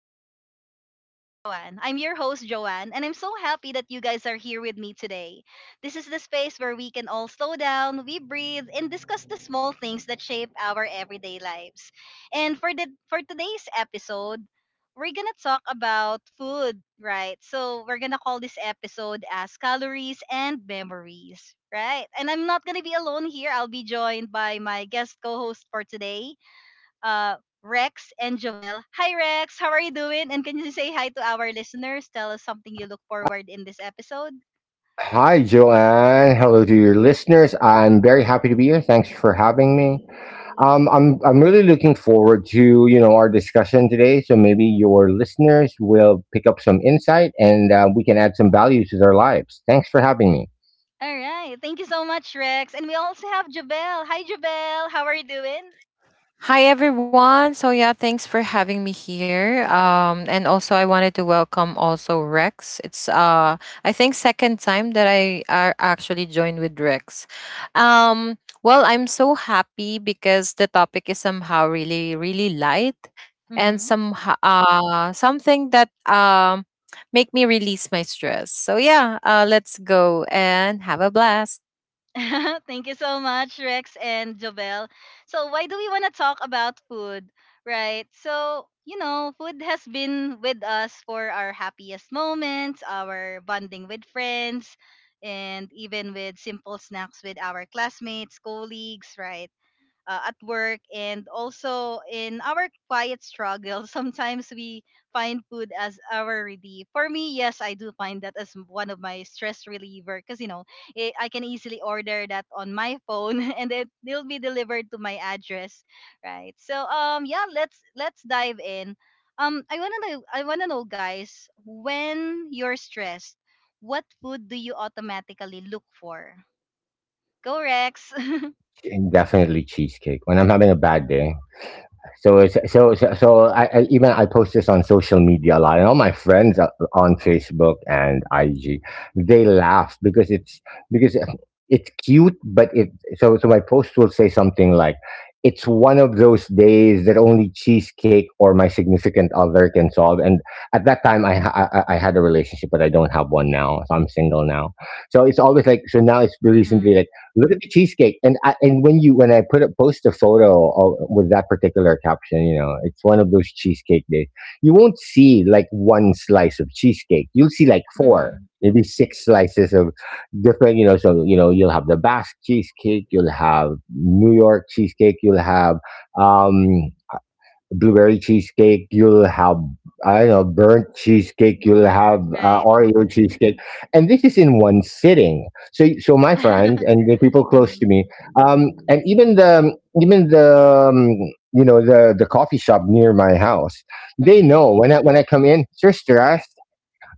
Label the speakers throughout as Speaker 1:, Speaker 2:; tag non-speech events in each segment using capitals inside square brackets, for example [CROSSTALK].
Speaker 1: Mindful Moments with Joanne. I'm your host, Joanne, and I'm so happy that you guys are here with me today. This is the space where we can all slow down, we breathe, and discuss the small things that shape our everyday lives. And for the for today's episode, we're gonna talk about food, right? So we're gonna call this episode as calories and memories, right? And I'm not gonna be alone here. I'll be joined by my guest co-host for today uh, Rex and Jovel. Hi, Rex. How are you doing? And can you say hi to our listeners? Tell us something you look forward in this episode.
Speaker 2: Hi, Joanne. Hello to your listeners. I'm very happy to be here. Thanks for having me. I'm really looking forward to our discussion today. So maybe your listeners will pick up some insight, and we can add some value to their lives. Thanks for having me.
Speaker 1: All right. Thank you so much, Rex. And we also have Jovel. Hi, Jovel. How are you doing?
Speaker 3: Hi everyone. So yeah, thanks for having me here. And also I wanted to welcome also Rex. It's I think second time that I are actually joined with Rex. Um, well, I'm so happy because the topic is somehow really really light and
Speaker 1: Mm-hmm.
Speaker 3: something that make me release my stress. So yeah, let's go and have a blast.
Speaker 1: [LAUGHS] Thank you so much, Rex and Jobel. So, why do we want to talk about food, right? So, you know, food has been with us for our happiest moments, our bonding with friends, and even with simple snacks with our classmates, colleagues, right? At work and also in our quiet struggle [LAUGHS] sometimes we find food as our relief. For me, yes, I do find that as one of my stress reliever, because I can easily order that on my phone [LAUGHS] and it will be delivered to my address, right? So yeah, let's dive in. I want to know, guys, when you're stressed, what food do you automatically look for? Go, Rex. [LAUGHS]
Speaker 2: And definitely cheesecake. When I'm having a bad day. So it's so so, so I even I post this on social media a lot, and all my friends are on Facebook and IG. They laugh because it's cute, but it so so my post will say something like, "It's one of those days that only cheesecake or my significant other can solve." And at that time, I had a relationship, but I don't have one now, so I'm single now. So it's always like, so now it's recently
Speaker 1: mm-hmm.
Speaker 2: like, look at the cheesecake. And I, and when you when I put up post a photo of, with that particular caption, you know, it's one of those cheesecake days. You won't see like one slice of cheesecake. You'll see like four,
Speaker 1: Mm-hmm.
Speaker 2: maybe six slices of different, you know. So you know, you'll have the Basque cheesecake, you'll have New York cheesecake, you'll have um, blueberry cheesecake. You'll have I don't know burnt cheesecake. You'll have
Speaker 1: Right.
Speaker 2: Oreo cheesecake, and this is in one sitting. So so my friends
Speaker 1: [LAUGHS]
Speaker 2: and the people close to
Speaker 1: Mhm.
Speaker 2: me, and even the um, you know, the coffee shop near my house, they
Speaker 1: Mhm.
Speaker 2: know when I come in, you're stressed.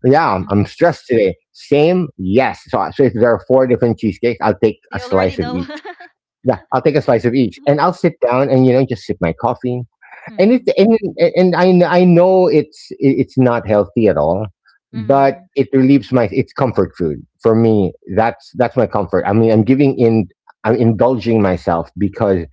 Speaker 2: Yeah,
Speaker 1: Mhm.
Speaker 2: I'm stressed today. Same, yes. So, if there are four different cheesecakes, I'll take
Speaker 1: They
Speaker 2: a
Speaker 1: already
Speaker 2: slice of
Speaker 1: know.
Speaker 2: each.
Speaker 1: [LAUGHS]
Speaker 2: Yeah, I'll take a slice of each, and I'll sit down and just sip my coffee, and it
Speaker 1: Mhm.
Speaker 2: and, and I know it's not healthy at all, but
Speaker 1: Mhm.
Speaker 2: it relieves my it's comfort food for me. That's my comfort. I mean, I'm giving in, I'm indulging myself because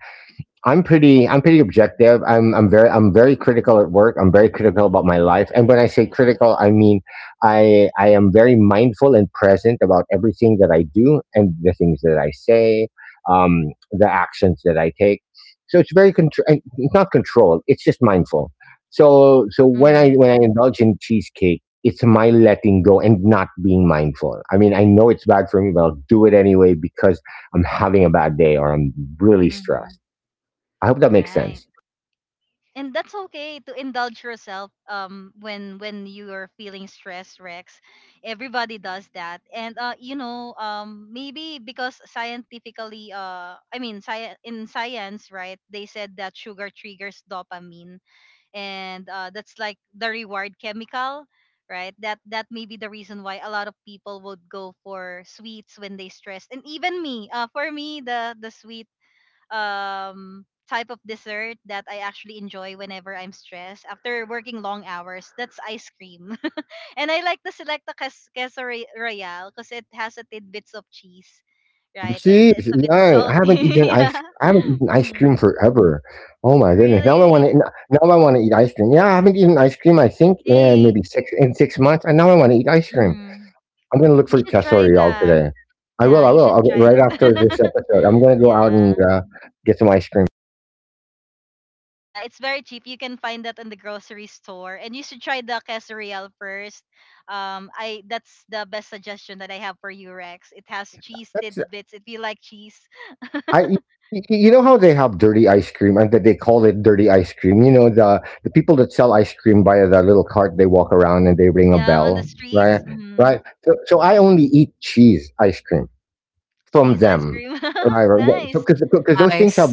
Speaker 2: I'm pretty objective. I'm very critical at work. I'm very critical about my life. And when I say critical, I mean I am very mindful and present about everything that I do and the things that I say, the actions that I take. So it's very contr- and it's not controlled. It's just mindful. So so when
Speaker 1: Mhm.
Speaker 2: I indulge in cheesecake, it's my letting go and not being mindful. I mean, I know it's bad for me, but I'll do it anyway because I'm having a bad day or I'm really
Speaker 1: Mhm.
Speaker 2: stressed. I hope that makes
Speaker 1: Right.
Speaker 2: sense.
Speaker 1: And that's okay to indulge yourself when you are feeling stressed, Rex. Everybody does that. And you know, maybe because scientifically, I mean, in science, right? They said that sugar triggers dopamine. And that's like the reward chemical, right? That that may be the reason why a lot of people would go for sweets when they stressed. And even me, for me, the sweet type of dessert that I actually enjoy whenever I'm stressed after working long hours, that's ice cream. [LAUGHS] and I like to select the queso royale because it has a tidbits of cheese, right? And it's a bit
Speaker 2: Yeah,
Speaker 1: salty. [LAUGHS] yeah.
Speaker 2: I haven't eaten ice cream
Speaker 1: Hmm.
Speaker 2: forever. Oh my goodness!
Speaker 1: Really.
Speaker 2: Now I want to eat ice cream. Yeah, I haven't eaten ice cream I think in
Speaker 1: Hey.
Speaker 2: maybe 6 months. And now I want to eat ice cream.
Speaker 1: Mm.
Speaker 2: I'm gonna look
Speaker 1: You
Speaker 2: for
Speaker 1: should try
Speaker 2: castorial
Speaker 1: that.
Speaker 2: today. I will.
Speaker 1: Yeah,
Speaker 2: I
Speaker 1: you
Speaker 2: will.
Speaker 1: should
Speaker 2: I'll,
Speaker 1: try
Speaker 2: right
Speaker 1: that.
Speaker 2: after this
Speaker 1: [LAUGHS]
Speaker 2: episode, I'm gonna go out and
Speaker 1: Yeah.
Speaker 2: get some ice cream.
Speaker 1: Yeah, it's very cheap. You can find that in the grocery store. And you should try the quesadilla first. I That's the best suggestion that I have for you, Rex. It has cheese
Speaker 2: That's
Speaker 1: tidbits if you like cheese.
Speaker 2: I y- y- you know how they have dirty ice cream and that they call it dirty ice cream. You know the people that sell ice cream by the little cart, they walk around and they ring a
Speaker 1: Yeah, on the
Speaker 2: bell, right?
Speaker 1: streets. Mm.
Speaker 2: Right. So so I only eat cheese ice cream from
Speaker 1: Cheese ice
Speaker 2: them.
Speaker 1: cream.
Speaker 2: Right,
Speaker 1: [LAUGHS]
Speaker 2: right. Yeah. So,
Speaker 1: nice.
Speaker 2: because those things
Speaker 3: Nice.
Speaker 2: have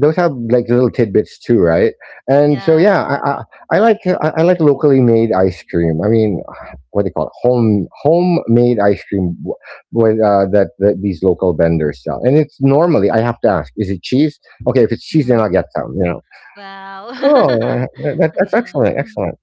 Speaker 2: those have like little tidbits too, right? And so
Speaker 1: Yeah.
Speaker 2: yeah, I like I like locally made ice cream. I mean, [SIGHS] what do you call it? Homemade ice cream with that, that these local vendors sell. And it's normally, I have to ask, is it cheese? Okay, if it's cheese, then
Speaker 1: Mm.
Speaker 2: I'll get some. You know,
Speaker 1: Wow.
Speaker 2: cool.
Speaker 1: [LAUGHS]
Speaker 2: That, that's
Speaker 1: yeah.
Speaker 2: excellent.
Speaker 1: Mm-hmm.
Speaker 2: Excellent.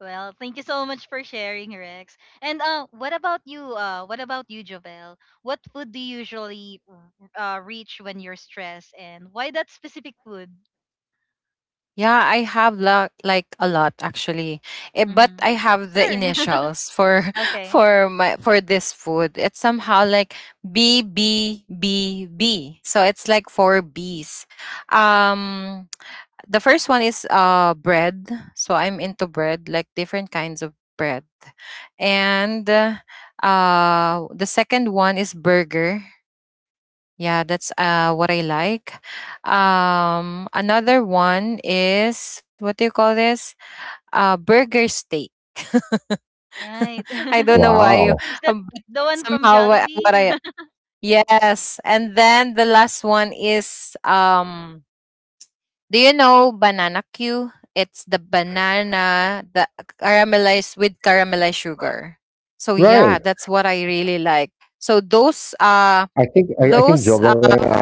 Speaker 1: Well, thank you so much for sharing, Rex. And what about you? What about you, Jovel? What food do you usually reach when you're stressed, and why that specific food?
Speaker 3: Yeah, I have like a lot actually. Eh, but
Speaker 1: Mm-hmm.
Speaker 3: I have the
Speaker 1: Sure.
Speaker 3: initials for
Speaker 1: [LAUGHS]
Speaker 3: [LAUGHS]
Speaker 1: okay.
Speaker 3: for this food. It's somehow like BBBB. So it's like four Bs. Um [TSK] the first one is bread. So I'm into bread, like different kinds of bread. And the second one is burger, yeah, that's what I like. Another one is, what do you call this? Burger steak.
Speaker 1: Right.
Speaker 3: [LAUGHS] I don't
Speaker 1: [LAUGHS]
Speaker 3: know why.
Speaker 2: Wow.
Speaker 1: Is
Speaker 3: [LAUGHS]
Speaker 1: that
Speaker 3: But
Speaker 1: the
Speaker 3: that's
Speaker 1: one from
Speaker 3: somehow what,
Speaker 1: Jollibee?
Speaker 3: I...
Speaker 1: [LAUGHS]
Speaker 3: Yes. And then the last one is do you know banana Q? It's the banana, the caramelized with caramelized sugar. So yeah,
Speaker 2: Right.
Speaker 3: that's what I really like. So
Speaker 2: I think
Speaker 3: those
Speaker 2: Jovan and I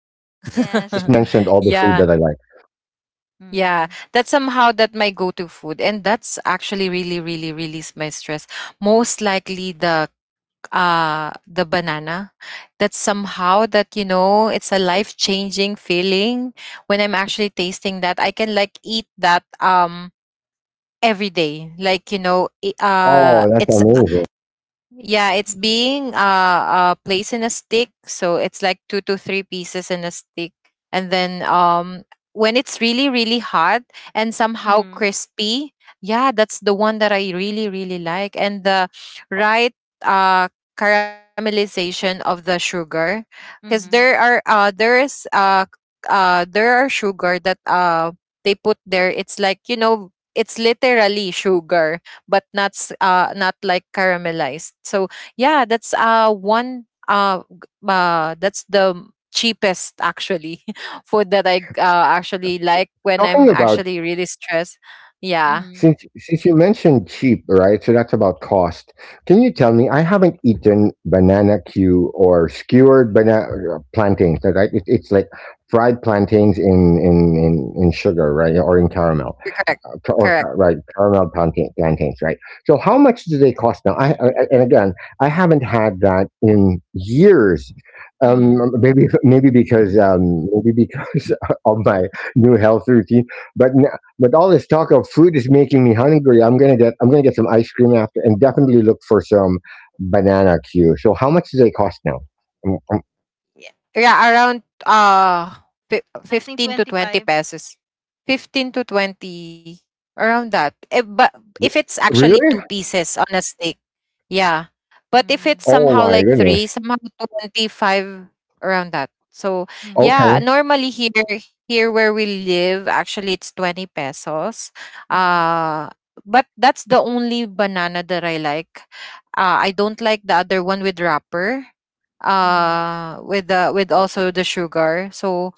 Speaker 2: just mentioned all the
Speaker 1: yes.
Speaker 2: food
Speaker 3: [LAUGHS]
Speaker 2: that I
Speaker 1: Mm-hmm.
Speaker 2: like.
Speaker 3: yeah.
Speaker 1: Mm-hmm.
Speaker 3: Yeah, that's somehow that my go-to food, and that's actually really, really release my stress. Most likely the banana. That's somehow that it's a life-changing feeling when I'm actually tasting that. I can like eat that every day. Like you know, i- uh,
Speaker 2: Oh, that's
Speaker 3: it's
Speaker 2: amazing.
Speaker 3: yeah, it's being placed in a stick, so it's like two to three pieces in a stick, and then when it's really really hot and somehow
Speaker 1: Mm-hmm.
Speaker 3: crispy, yeah, that's the one that I really really like, and the right, uh caramelization of the sugar, because
Speaker 1: Mm-hmm.
Speaker 3: there are sugar that they put there. It's like. It's literally sugar, but not like caramelized. So yeah, that's one g- that's the m- cheapest actually [LAUGHS] food that I actually like when
Speaker 2: Talking
Speaker 3: I'm
Speaker 2: about,
Speaker 3: actually really stressed. Yeah,
Speaker 2: since you mentioned cheap, right? So that's about cost. Can you tell me? I haven't eaten banana Q or skewered banana plantains. That right? It's like fried plantains in, in sugar, right, or in caramel.
Speaker 3: you're correct. Correct.
Speaker 2: Right, caramel plantain, plantains, right? So, how much do they cost now? I, and again, I haven't had that in years. Um,
Speaker 1: Mm-hmm.
Speaker 2: maybe because [LAUGHS] of my new health routine. But n- but all this talk of food is making me hungry. I'm gonna get some ice cream after, and definitely look for some banana queue. So, how much do they cost now? Mm, mm,
Speaker 3: Yeah, yeah, around
Speaker 1: I think
Speaker 3: 15 to 20
Speaker 1: 25.
Speaker 3: pesos. 15 to 20, around that. Eh, but if
Speaker 2: w-
Speaker 3: it's actually two
Speaker 2: Really?
Speaker 3: pieces on a steak... Yeah. But if
Speaker 1: Mm-hmm.
Speaker 3: it's
Speaker 2: Oh
Speaker 3: somehow
Speaker 2: my
Speaker 3: like three,
Speaker 2: goodness.
Speaker 3: somehow 25 around that. So
Speaker 1: Mm-hmm.
Speaker 3: yeah,
Speaker 2: Okay.
Speaker 3: normally here, where we live, actually it's 20 pesos.
Speaker 1: Mm-hmm.
Speaker 3: Uh but that's the only banana that I like. I don't like the other one with wrapper.
Speaker 1: Mm-hmm.
Speaker 3: With also the sugar. So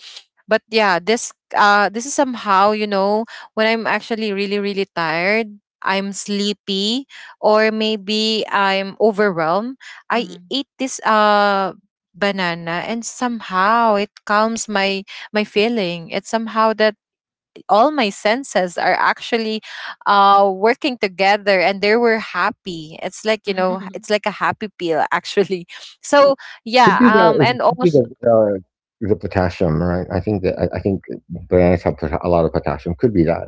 Speaker 3: but yeah, this is somehow, when I'm actually really really tired, I'm sleepy, or maybe I'm overwhelmed, I eat this banana, and somehow it calms my feeling. It's somehow that all my senses are actually working together, and they were happy. It's like,
Speaker 1: Mm-hmm.
Speaker 3: it's like a happy pill, actually. [LAUGHS] So
Speaker 2: Could
Speaker 3: yeah,
Speaker 2: be the it
Speaker 3: and
Speaker 2: could be
Speaker 3: also...
Speaker 2: the potassium, right? I think bananas have a lot of potassium. Could be that,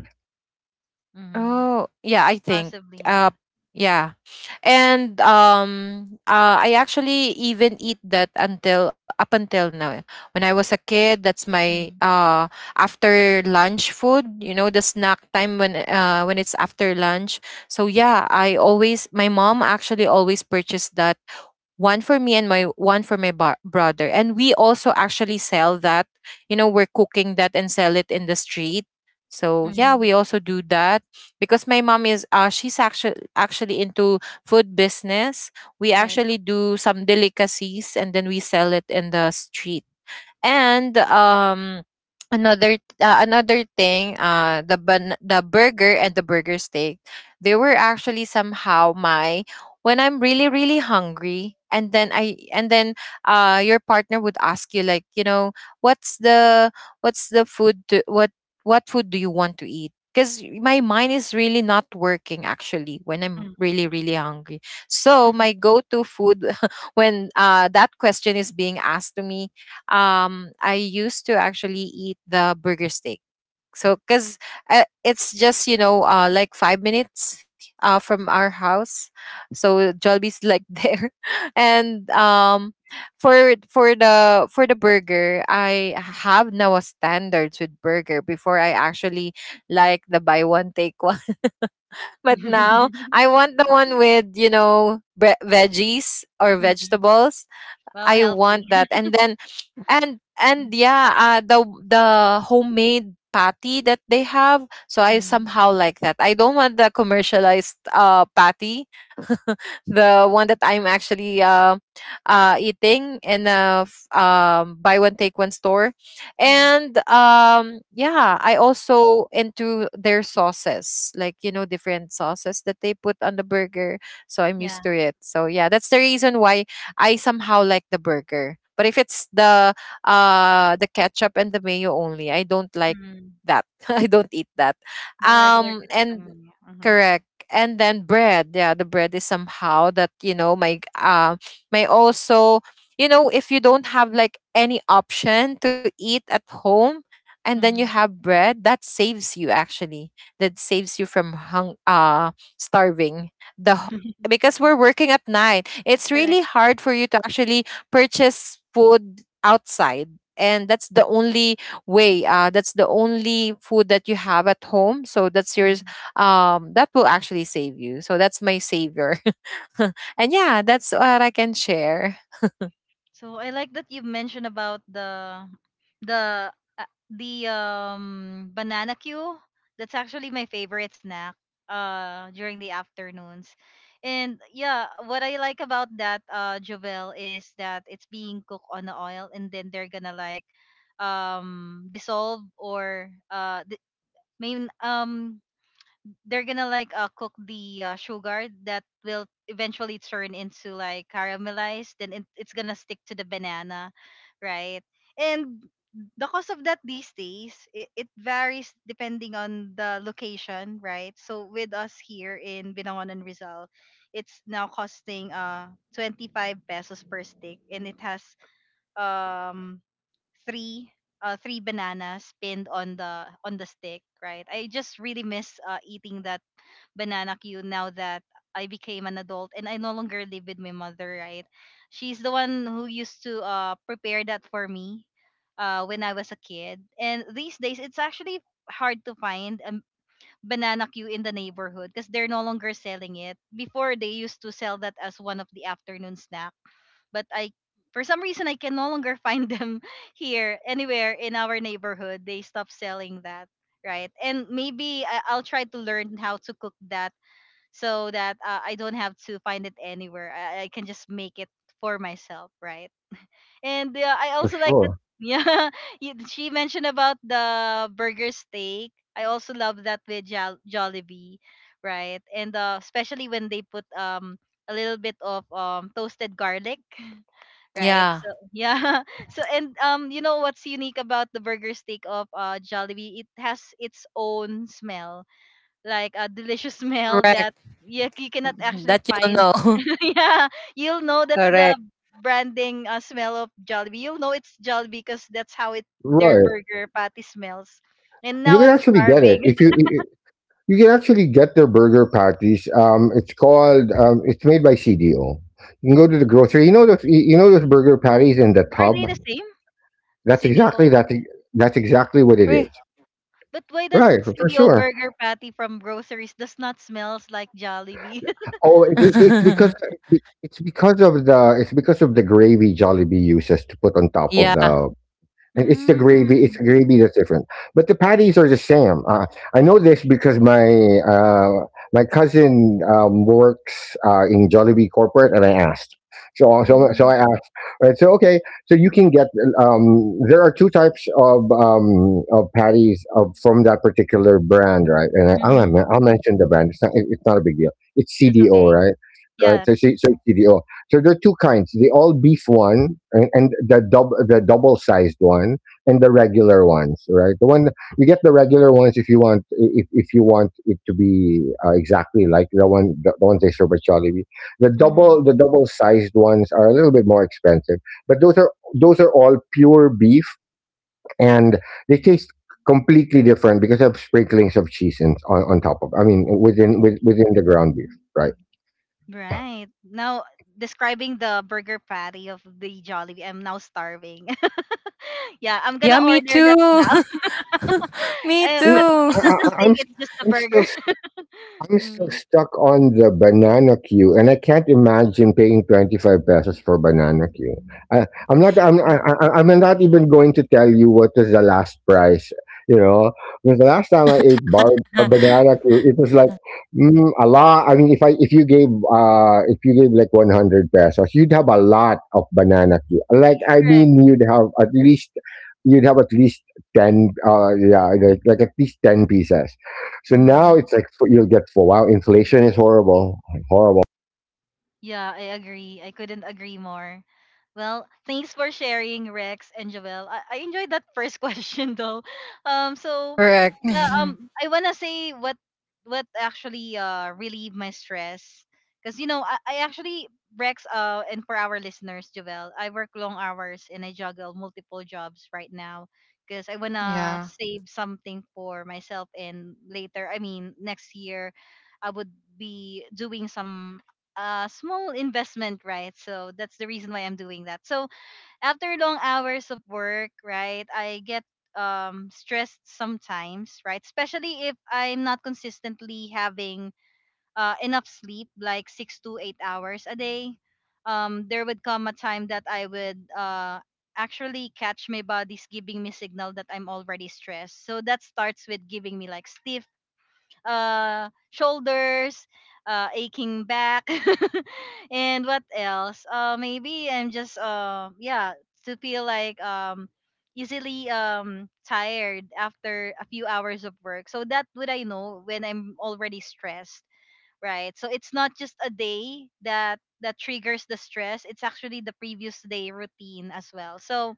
Speaker 1: [LAUGHS]
Speaker 3: Oh, yeah, I think.
Speaker 1: Possibly,
Speaker 3: Uh,
Speaker 1: yeah.
Speaker 3: yeah, and I actually even eat that until up until now. Eh. When I was a kid, that's my
Speaker 1: Mm-hmm.
Speaker 3: after lunch food. You know, the snack time when it's after lunch. So yeah, I always my mom actually always purchased that one for me, and my one for my brother, and we also actually sell that, you know. We're cooking that and sell it in the street, so yeah,
Speaker 1: Mm-hmm.
Speaker 3: we also do that, because my mom is she's actually into food business. We
Speaker 1: Right.
Speaker 3: actually do some delicacies, and then we sell it in the street. And another another thing, the burger and the burger steak, they were actually somehow my... When I'm really really hungry, and then your partner would ask you, like, what's the, what's the food to, what food do you want to eat, because my mind is really not working actually when I'm
Speaker 1: Mm.
Speaker 3: really really hungry. So my go-to food [LAUGHS] when that question is being asked to me, I used to actually eat the burger steak. So cuz it's just, like 5 minutes from our house. So Jollibee's like [LAUGHS] there. And for the burger, I have now a standards with burger before I actually like the buy one take one. [LAUGHS] But now I
Speaker 1: [LAUGHS]
Speaker 3: want the one with, veggies or
Speaker 1: Mm.
Speaker 3: vegetables.
Speaker 1: Well,
Speaker 3: I
Speaker 1: healthy.
Speaker 3: want that.
Speaker 1: [LAUGHS]
Speaker 3: And then, and yeah, the homemade patty that they have. So I
Speaker 1: Mm.
Speaker 3: somehow like that. I don't want the commercialized patty [LAUGHS] the one that I'm actually eating in a buy one take one store,
Speaker 1: Right.
Speaker 3: and yeah, I also into their sauces, like, different sauces that they put on the burger. So I'm
Speaker 1: Yeah.
Speaker 3: used to it. So yeah, that's the reason why I somehow like the burger. But if it's the ketchup and the mayo only, I don't like
Speaker 1: Mm.
Speaker 3: that. [LAUGHS] I don't eat that.
Speaker 1: The regular ketchup
Speaker 3: And,
Speaker 1: and mayo. Mm-hmm.
Speaker 3: correct, and then bread. Yeah, the bread is somehow that, my also, if you don't have like any option to eat at home, and then you
Speaker 1: Mm-hmm.
Speaker 3: have bread that saves you, actually, that saves you from hung starving the h-
Speaker 1: [LAUGHS]
Speaker 3: because we're working at night, it's
Speaker 1: Correct.
Speaker 3: really hard for you to actually purchase food outside, and that's the only food that you have at home, so that's your,
Speaker 1: Mm-hmm.
Speaker 3: that will actually save you, so that's my savior. [LAUGHS] And yeah, that's what I can share.
Speaker 1: So I like that you mentioned about the banana queue. That's actually my favorite snack during the afternoons. And yeah, what I like about that Jovel is that it's being cooked on the oil, and then they're gonna like dissolve or di- main they're gonna like cook the sugar that will eventually turn into like caramelized, then it's gonna stick to the banana, right? And the cost of that these days, it varies depending on the location, right? So with us here in Binangon and Rizal, it's now costing 25 pesos per stick, and it has um three three bananas pinned on the stick, right? I just really miss eating that banana queue now that I became an adult and I no longer live with my mother, right? She's the one who used to prepare that for me when I was a kid. And these days it's actually hard to find a banana queue in the neighborhood because they're no longer selling it. Before, they used to sell that as one of the afternoon snack, but I for some reason I can no longer find [LAUGHS] them here anywhere in our neighborhood. They stopped selling that, right? And maybe I'll try to learn how to cook that so that I don't have to find it anywhere. I can just make it for myself, right? And I
Speaker 2: for
Speaker 1: also like the
Speaker 2: sure.
Speaker 1: [LAUGHS] yeah. She mentioned about the burger steak. I also love that with Jollibee, right? And especially when they put a little bit of toasted garlic, [LAUGHS] right? So
Speaker 3: Yeah,
Speaker 1: yeah. [LAUGHS] So and you know what's unique about the burger steak of Jollibee? It has its own smell, like a delicious [LAUGHS] smell
Speaker 3: correct,
Speaker 1: that you cannot actually
Speaker 3: that you'll
Speaker 1: find.
Speaker 3: know.
Speaker 1: [LAUGHS] yeah, you'll know
Speaker 3: [LAUGHS]
Speaker 1: that's the
Speaker 3: Correct.
Speaker 1: branding smell of Jollibee. You'll know it's Jollibee because that's how it their
Speaker 2: Right.
Speaker 1: burger patty smells. And
Speaker 2: You
Speaker 1: now
Speaker 2: can
Speaker 1: I'm
Speaker 2: actually get it
Speaker 1: starving.
Speaker 2: if you.
Speaker 1: [LAUGHS]
Speaker 2: you you can actually get their burger patties. It's called. It's made by CDO. You can go to the grocery. You you know those burger patties in the
Speaker 1: Are
Speaker 2: tub.
Speaker 1: they the same?
Speaker 2: That's exactly
Speaker 1: CDO?
Speaker 2: that. That's exactly what it
Speaker 3: Uy.
Speaker 2: is.
Speaker 1: But why does
Speaker 2: Right, for
Speaker 1: CDO
Speaker 2: sure.
Speaker 1: burger patty from groceries does not smells like Jollibee? [LAUGHS]
Speaker 2: Oh, it's because
Speaker 3: [LAUGHS]
Speaker 2: it's because of the gravy Jollibee uses to put on top of
Speaker 3: Yeah,
Speaker 2: the. And it's the gravy. It's the
Speaker 1: mm.
Speaker 2: gravy that's different, but the patties are the same. I know this because my uh, my cousin works in Jollibee corporate, and I asked. So
Speaker 1: Mm.
Speaker 2: I asked. Right, so okay, so you can get. There are two types of patties of from that particular brand, right? And
Speaker 1: Mm.
Speaker 2: I'll mention the brand. It's not. It's not a big deal. It's
Speaker 1: That's
Speaker 2: CDO,
Speaker 1: okay.
Speaker 2: right? Right.
Speaker 1: Yeah.
Speaker 2: So CDO. So there are two kinds: the all beef one, and, the double sized one, and the regular ones. Right? The one You get the regular ones if you want it to be exactly like the ones they serve at Jollibee.
Speaker 1: Mm-hmm.
Speaker 2: The double sized ones are a little bit more expensive, but those are all pure beef, and they taste completely different because they have sprinklings of cheese on top of. I mean,
Speaker 1: Mm-hmm.
Speaker 2: within the ground beef, right?
Speaker 1: Right. Now, describing the burger patty of the Jollibee, I'm now starving. [LAUGHS] yeah, I'm
Speaker 3: yeah,
Speaker 1: gonna
Speaker 3: me
Speaker 1: order
Speaker 3: too.
Speaker 1: that
Speaker 3: [LAUGHS]
Speaker 1: now. [LAUGHS]
Speaker 3: Me
Speaker 1: uh, but
Speaker 2: Mm,
Speaker 1: but
Speaker 2: I
Speaker 3: too.
Speaker 1: not
Speaker 2: I
Speaker 1: the
Speaker 2: I
Speaker 1: steak,
Speaker 2: I'm s
Speaker 1: it's just the
Speaker 2: I'm
Speaker 1: burger.
Speaker 2: still
Speaker 1: [LAUGHS] mm.
Speaker 2: stuck on the banana queue, and I can't imagine paying 25 pesos for banana queue. I, I'm not. I'm. I- I'm not even going to tell you what was the last price. You know, because the last time I ate bar a banana
Speaker 3: [LAUGHS]
Speaker 2: queue, it was like a lot. I mean, if you gave like 100 pesos, you'd have a lot of banana queue. Like I
Speaker 1: Correct.
Speaker 2: mean, you'd have at least you'd have at least ten. Yeah, like at least ten pieces. So now
Speaker 1: Mm-hmm.
Speaker 2: it's you'll get full. Wow, inflation is horrible, horrible.
Speaker 1: Yeah, I agree. I couldn't agree more. Well, thanks for sharing, Rex and Joel. I enjoyed that first [LAUGHS] question though. So
Speaker 3: Correct.
Speaker 1: yeah, I wanna say what actually relieved my stress, because you know I actually Rex and for our listeners, Joel, I work long hours and I juggle multiple jobs right now because I
Speaker 3: [LAUGHS]
Speaker 1: wanna
Speaker 3: Yeah.
Speaker 1: save something for myself and later. I mean next year, I would be doing some small investment, right? So that's the reason why I'm doing that. So after long hours of work, right, I get stressed sometimes, right, especially if I'm not consistently having enough sleep, like 6 to 8 hours a day. There would come a time that I would actually catch my body's giving me signal that I'm already stressed. So that starts with giving me like stiff shoulders, aching back, [LAUGHS] and what else? Maybe I'm just yeah, to feel like easily tired after a few hours of work. So that would, I know when I'm already stressed, right? So it's not just a day that that triggers the stress. It's actually the previous day routine as well. So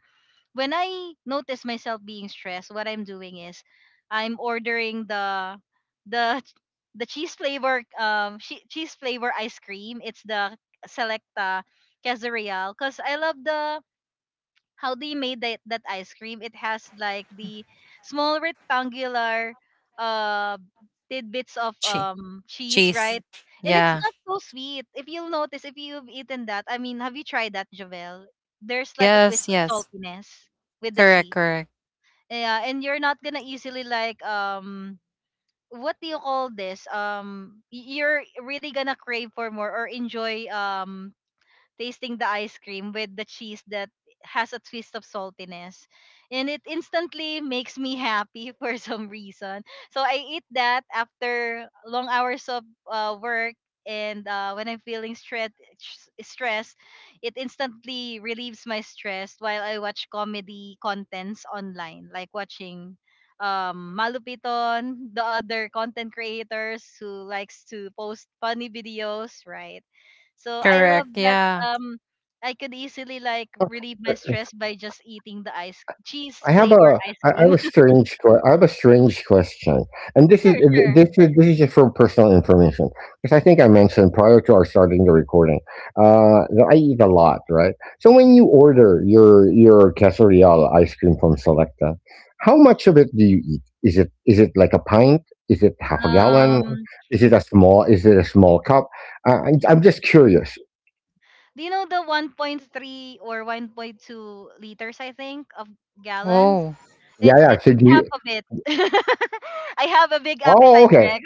Speaker 1: when I notice myself being stressed, what I'm doing is I'm ordering the ch- the cheese flavor cheese flavor ice cream. It's the Selecta Quesadilla because I love the how they made that ice cream. It has like the small rectangular uh tidbits of
Speaker 3: Che-
Speaker 1: cheese,
Speaker 3: Cheese.
Speaker 1: right? And it's
Speaker 3: Yeah.
Speaker 1: not so sweet. If you'll notice, if you've eaten that, I mean, have you tried that, Javel? There's like a twist
Speaker 3: Yes,
Speaker 1: of
Speaker 3: yes.
Speaker 1: saltiness with the
Speaker 3: Correct,
Speaker 1: cheese.
Speaker 3: correct,
Speaker 1: Yeah, and you're not gonna easily like what do you call this? You're really gonna crave for more or enjoy tasting the ice cream with the cheese that has a twist of saltiness, and it instantly makes me happy [LAUGHS] for some reason. So I eat that after long hours of work. And when I'm feeling stress, it instantly relieves my stress while I watch comedy contents online, like watching Malupiton, the other content creators who likes to post funny videos, right? So I love
Speaker 3: correct.
Speaker 1: that.
Speaker 3: Yeah.
Speaker 1: um I could easily like
Speaker 2: Uh,
Speaker 1: relieve my stress by just eating the ice cheese flavor ice
Speaker 2: I have
Speaker 1: cream.
Speaker 2: a
Speaker 1: [LAUGHS]
Speaker 2: I have a strange question, and this is
Speaker 1: sure,
Speaker 2: th-
Speaker 1: sure.
Speaker 2: this is just for personal information because I think I mentioned prior to our starting the recording that I eat a lot, right? So when you order your quesadilla ice cream from Selecta, how much of it do you eat? Is it like a pint? Is it half a gallon?
Speaker 1: Um
Speaker 2: Is it a small cup? I'm just curious.
Speaker 1: do you know the 1.3 or 1.2 liters I think of gallons?
Speaker 3: Oh,
Speaker 2: Yeah, yeah.
Speaker 1: It's
Speaker 2: So do you.
Speaker 1: half of it. [LAUGHS] I have a big
Speaker 2: Oh,
Speaker 1: appetite,
Speaker 2: okay.
Speaker 1: Rex.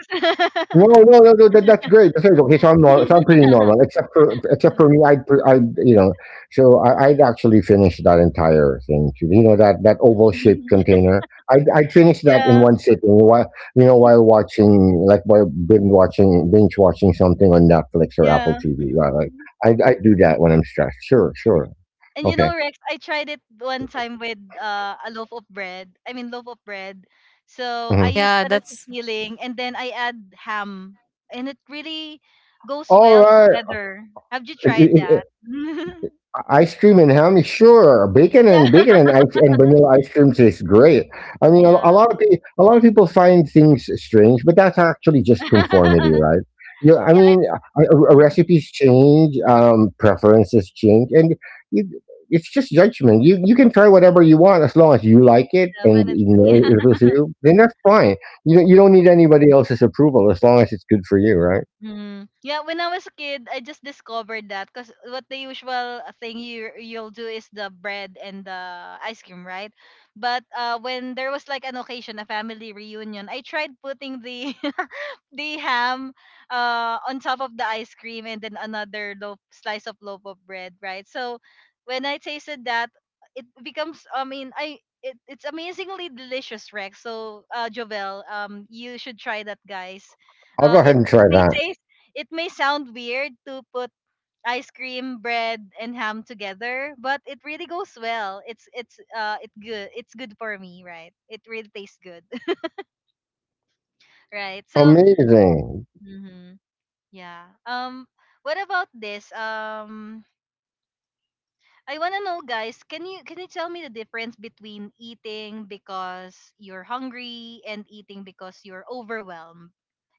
Speaker 2: No, that, that's great. That's great. Okay, so I'm nor- so I'm pretty
Speaker 1: [LAUGHS]
Speaker 2: normal, except for me, I you know, so I'd actually finish that entire thing too. You know, that that oval shaped container. I'd finish that in
Speaker 1: yeah,
Speaker 2: one sitting. While you know, while watching, like while binge watching something on Netflix or Apple
Speaker 1: yeah.
Speaker 2: TV. Yeah, like I do that when I'm stressed. Sure, sure.
Speaker 1: And you
Speaker 2: Okay.
Speaker 1: know, Rex, I tried it one time with a loaf of bread. I mean, loaf of bread. So I
Speaker 2: Mhm.
Speaker 3: yeah,
Speaker 1: used that as
Speaker 3: that's,
Speaker 1: a filling, and then I add ham, and it really goes
Speaker 2: All
Speaker 1: well together. Have you tried
Speaker 2: right.
Speaker 1: that? [LAUGHS]
Speaker 2: Ice cream and ham, sure. Bacon
Speaker 1: yeah,
Speaker 2: and ice and vanilla ice cream tastes great. I mean,
Speaker 1: yeah,
Speaker 2: a lot of people, a lot of people find things strange, but that's actually just conformity,
Speaker 1: [LAUGHS]
Speaker 2: right? I
Speaker 1: yeah.
Speaker 2: mean,
Speaker 1: Mm,
Speaker 2: recipes change, preferences change, and you, it's just judgment. You can try whatever you want as long as you like it, and
Speaker 1: Definitely.
Speaker 2: you
Speaker 1: [LAUGHS]
Speaker 2: know, if it's for you, then that's fine. You don't need anybody else's approval as long as it's good for you, right?
Speaker 1: Mm. Yeah, when I was a kid, I just discovered that because what the usual thing you'll do is the bread and the ice cream, right? But when there was like an occasion, a family reunion, I tried putting the [LAUGHS] the ham on top of the ice cream and then another loaf, slice of loaf of bread, right? So when I tasted that, it becomes. I mean, I. It, it's amazingly delicious, Rex. Jovel, you should try that, guys.
Speaker 2: I'll go ahead
Speaker 1: It
Speaker 2: and
Speaker 1: it
Speaker 2: try
Speaker 1: may
Speaker 2: that.
Speaker 1: taste it may sound weird to put ice cream, bread, and ham together, but it really goes well. It's it good. It's good for me, right? It really tastes good, [LAUGHS] right? So,
Speaker 2: Amazing.
Speaker 1: mhm, yeah. What about this? I wanna know, guys. Can you tell me the difference between eating because you're hungry and eating because you're overwhelmed?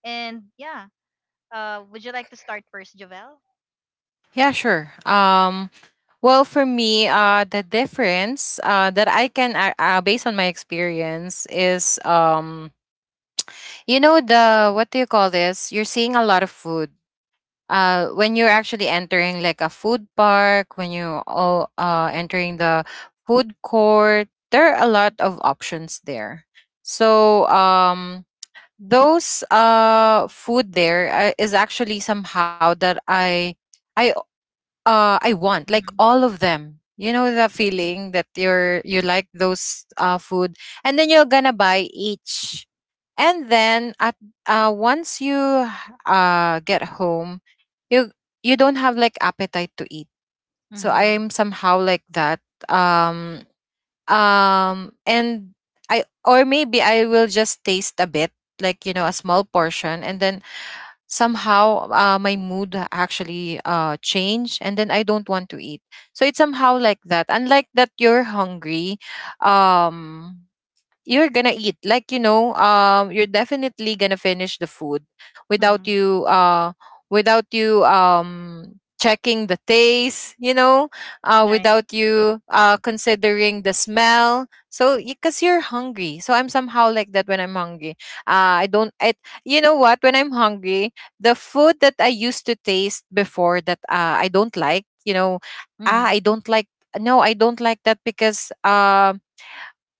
Speaker 1: And yeah, would you like to start first, Javel?
Speaker 3: yeah, sure. Well, for me, the difference, that I can, based on my experience, is, you know the what do you call this? You're seeing a lot of food. When you're actually entering like a food park, when you all entering the food court, there are a lot of options there. So those food there, is actually somehow that I I want like all of them. You know the feeling that you like those food, and then you're gonna buy each. And then at, once you get home, you you don't have like appetite to eat. So
Speaker 1: Mm-hmm.
Speaker 3: I'm somehow like that. Um and I or maybe I will just taste a bit, like, a small portion, and then somehow, my mood actually changed, and then I don't want to eat. So it's somehow like that, unlike that you're hungry. um you're gonna eat, like, you're definitely gonna finish the food without
Speaker 1: Mhm.
Speaker 3: you, without you, checking the taste,
Speaker 1: Right.
Speaker 3: without you, considering the smell. So because you're hungry, so I'm somehow like that when I'm hungry. I don't it You know what, when I'm hungry, the food that I used to taste before that, I don't like. Ah,
Speaker 1: Mhm.
Speaker 3: I don't like. No, I don't like that, because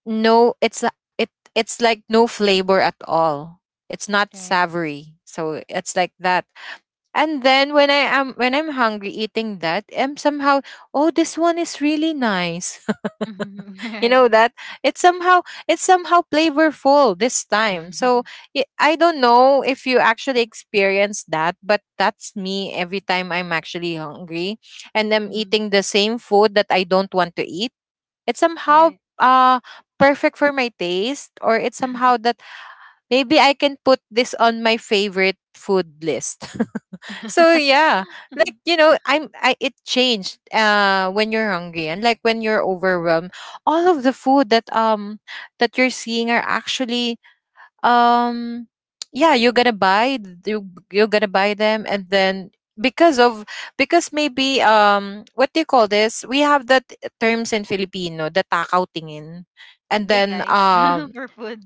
Speaker 3: no, it's a- it it's like no flavor at all. It's not
Speaker 1: Right.
Speaker 3: savory, so it's like that. And then when I'm hungry, eating that, I'm somehow, "Oh, this one is really nice!" [LAUGHS] You know
Speaker 1: Mhm.
Speaker 3: that, it's somehow it's somehow flavorful this
Speaker 1: [LAUGHS]
Speaker 3: time.
Speaker 1: Right.
Speaker 3: So,
Speaker 1: [LAUGHS]
Speaker 3: I don't know if you actually experience that, but that's me every time I'm actually hungry, and I'm
Speaker 1: Mhm.
Speaker 3: eating the same food that I don't want to eat, it's somehow,
Speaker 1: Right.
Speaker 3: uh perfect for my taste, or it's somehow that maybe I can put this on my favorite food list. [LAUGHS] so
Speaker 1: [LAUGHS]
Speaker 3: yeah, I it changed when you're hungry and like when you're overwhelmed, all of the food that you're seeing are actually um yeah, you're gonna you, you're gonna buy them. And then because of because maybe what do you call this, we have that terms in Filipino, the takaw tingin. And
Speaker 1: Big
Speaker 3: then
Speaker 1: eyes [LAUGHS] for food.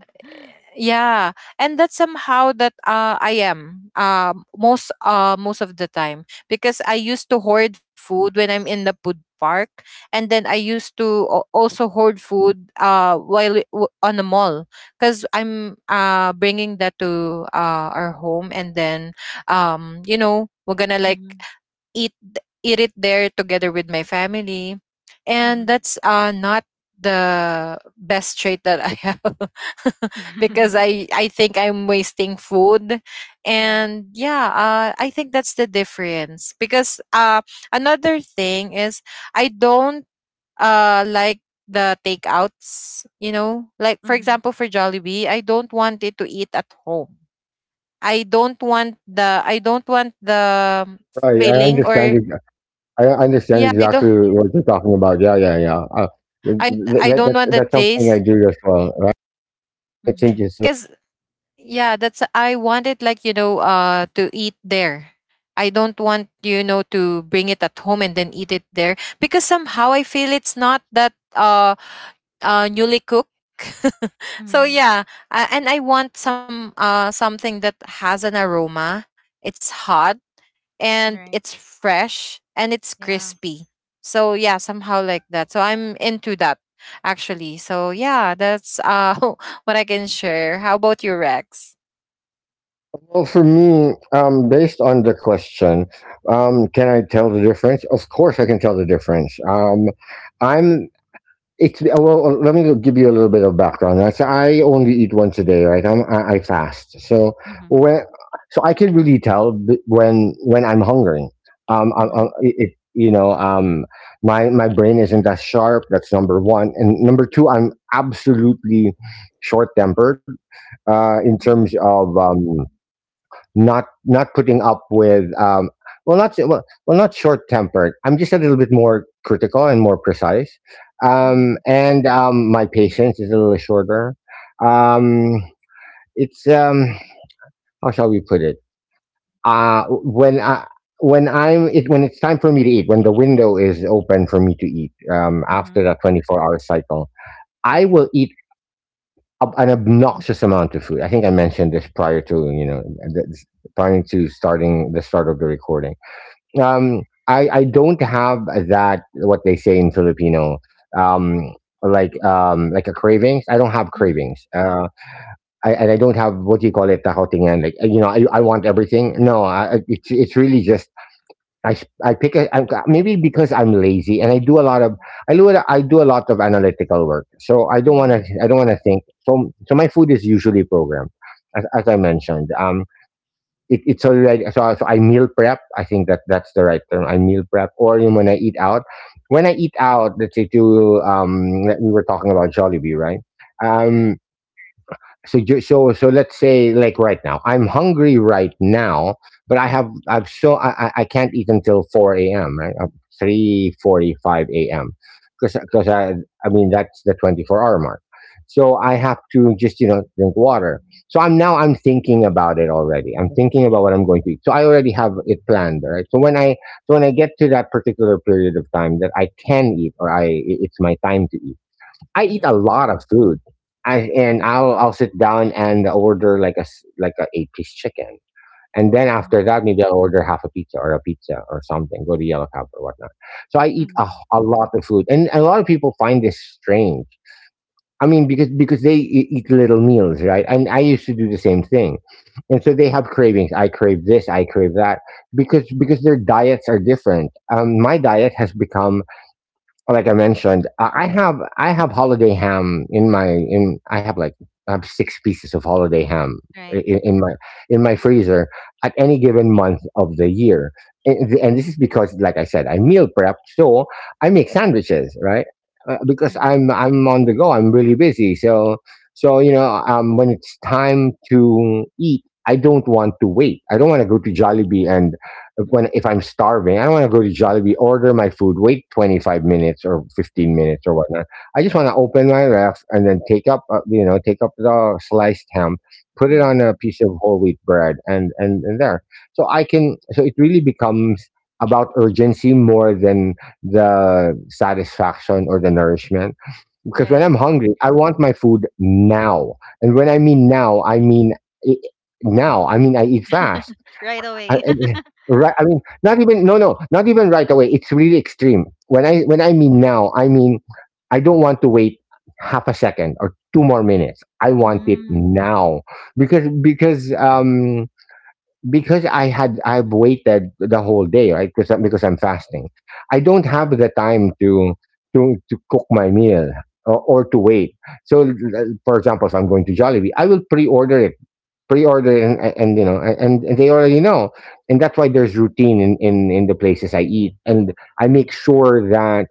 Speaker 3: yeah, and that's somehow that I am most most of the time, because I used to hoard food when I'm in the food park. And then I used to also hoard food while on the mall, because I'm bringing that to our home. And then you know, we're gonna like
Speaker 1: Mhm.
Speaker 3: eat it there together with my family. And
Speaker 1: Mhm.
Speaker 3: that's not the best trait that I have. [LAUGHS] Because
Speaker 1: [LAUGHS]
Speaker 3: I think I'm wasting food.
Speaker 1: Right.
Speaker 3: And yeah, I think that's the difference. Because another thing is, I don't like the takeouts, you know, like for
Speaker 1: Mhm.
Speaker 3: example for Jollibee, I don't want it to eat at home. I don't want the, I don't want the
Speaker 2: Right, I
Speaker 3: feeling
Speaker 2: understand
Speaker 3: or,
Speaker 2: your I understand
Speaker 3: yeah, I don't,
Speaker 2: exactly what you're talking about. Yeah, yeah, yeah.
Speaker 3: I I
Speaker 2: That,
Speaker 3: don't
Speaker 2: that's,
Speaker 3: want the
Speaker 2: that's something I
Speaker 3: taste.
Speaker 2: do as well, right? Kind of
Speaker 1: Mhm.
Speaker 2: changes it.
Speaker 3: Cuz yeah, that's, I want it like, you know, to eat there. I don't want, you know, to bring it at home and then eat it there because somehow I feel it's not that newly cooked. [LAUGHS] So
Speaker 1: Mhm.
Speaker 3: yeah, and I want some something that has an aroma. It's hot and
Speaker 1: Right.
Speaker 3: it's fresh and it's
Speaker 1: Yeah.
Speaker 3: crispy. So yeah, somehow like that. So I'm into that actually. So yeah, that's [LAUGHS] what I can share. How about you, Rex?
Speaker 2: Well, for me, based on the question, can I tell the difference? Of course, I can tell the difference. I'm It's well. Let me give you a little bit of background. Right? So I only eat once a day, right? I fast, so
Speaker 1: Mhm.
Speaker 2: when so I can really tell when I'm hungry. I,
Speaker 1: Mhm.
Speaker 2: it you know My brain isn't as sharp. That's number one, and number two, I'm absolutely short tempered. In terms
Speaker 1: Mhm.
Speaker 2: of not putting up with, well not, not short tempered. I'm just a little bit more critical and more precise,
Speaker 1: Mhm.
Speaker 2: and my patience is a little shorter. Um, it's, how shall we put it? When I when I'm it when it's time for me to eat, when the window is open for me to eat, after
Speaker 1: Mhm.
Speaker 2: that 24-hour cycle, I
Speaker 1: Right.
Speaker 2: will eat an obnoxious amount of food. I think I mentioned this prior to, th- prior to starting the start of the recording. um I don't have that what they say in Filipino. um like a cravings. I don't have
Speaker 1: Mhm.
Speaker 2: cravings. And I don't have, what do you call it, the whole, I want everything. No, it's really just, I s- I pick a, I'm, maybe because I'm lazy, and I do a lot of, I do a lot of analytical work, so i don't want to
Speaker 1: Mhm.
Speaker 2: i don't want to think. So my food is usually programmed, as I mentioned. It's already, I meal prep. I think that that's the right term. I meal prep, or even when I eat out. When I eat out, let's say to, we were talking about Jollibee, right? Um,
Speaker 1: Correct.
Speaker 2: so let's say, like, right now I'm hungry right now, but I have I've so I can't eat until 4 a.m, right? 3:45 a.m, because, I mean that's the 24-hour mark. So I have to just, drink water. So I'm now I'm thinking about it already. I'm thinking about what I'm going to eat, so I already have it planned, right? So when I so when I get to that particular period of time that I can eat, or it's my time to eat. I eat a
Speaker 1: Mhm.
Speaker 2: lot of food. And I'll sit down and order like a eight-piece chicken, and then after
Speaker 1: Mhm.
Speaker 2: that maybe I'll order half a pizza or something. Go to Yellow Cab or whatnot. So I eat a
Speaker 1: Mhm.
Speaker 2: a lot of food, and a lot of people find this strange. I mean, because they eat little meals, right? And I used to do the same thing, and so they have cravings. I crave this, I crave that, because their diets are different. My diet has become, like I mentioned, I have holiday ham in my, in I have like I have six pieces of holiday ham
Speaker 1: Right.
Speaker 2: in, in my in my freezer at any given month of the year, and, this is because, like I said, I meal prep, so I make sandwiches, right? Because
Speaker 1: Mhm.
Speaker 2: I'm on the go, I'm really busy, so when it's time to eat, I don't want to wait. I don't want to go to Jollibee and, like, when if I'm starving, I don't want to go to Jollibee, order my food, wait 25 minutes or 15
Speaker 1: Mhm.
Speaker 2: minutes or whatnot. I just want to open my ref and then take up, take up the sliced ham, put it on
Speaker 1: Mhm.
Speaker 2: a piece of whole wheat bread, and, there. So I can. So it really becomes about urgency more than the satisfaction or the nourishment. Because when
Speaker 1: Right.
Speaker 2: I'm hungry, I want my food now, and when I mean now, I mean. I Now I mean I eat fast.
Speaker 1: [LAUGHS] Right
Speaker 2: I
Speaker 1: away.
Speaker 2: Yeah,
Speaker 1: [LAUGHS]
Speaker 2: right, I mean, not even, no, no, not even right away. It's really extreme. When I mean now, I mean I don't want to wait half a second or two more minutes. I want it
Speaker 1: Mm.
Speaker 2: now, because because um because I've waited the whole day, right? Because I'm fasting, I don't have the time to, to cook my meal, or to wait. So, for example, if I'm going to Jollibee, I will pre-order it, pre-order and you know and they already know, and that's why there's routine in the places I eat, and I make sure that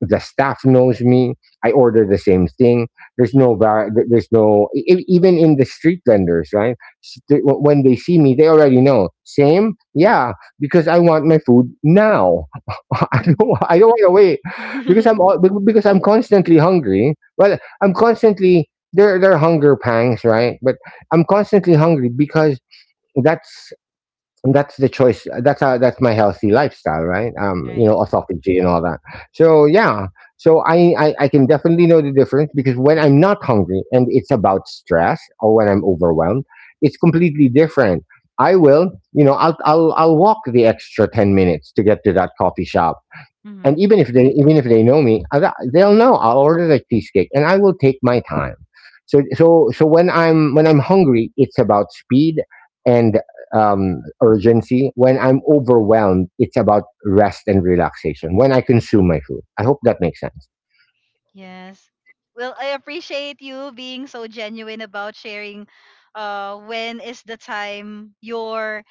Speaker 2: the staff knows me. I order the same thing. There's no bar, th- there's no e- e, even in the street vendors, right? When they see me, they already know. Same. Yeah. Because I want my food now. [LAUGHS]
Speaker 1: Mm.
Speaker 2: I don't want to wait. because i'm
Speaker 1: [LAUGHS]
Speaker 2: al- be- because I'm constantly hungry. Well I'm constantly there There are hunger pangs, right? But I'm constantly hungry because, that's that's the choice, that's how, that's my healthy lifestyle, right?
Speaker 1: Right.
Speaker 2: Autophagy and all that. So yeah, so I can definitely know the difference, because when I'm not hungry and it's about stress, or when I'm overwhelmed, it's completely different. I will you know I'll walk the extra 10 minutes to get to that coffee shop. And,
Speaker 1: Hmm.
Speaker 2: even if they know me, they'll know I'll order the cheesecake, and I will take my time. So when I'm hungry, it's about speed and, urgency. When I'm overwhelmed, it's about rest and relaxation when I consume my food. I hope that makes sense.
Speaker 1: Yes. Well, I appreciate you being so genuine about sharing when is the time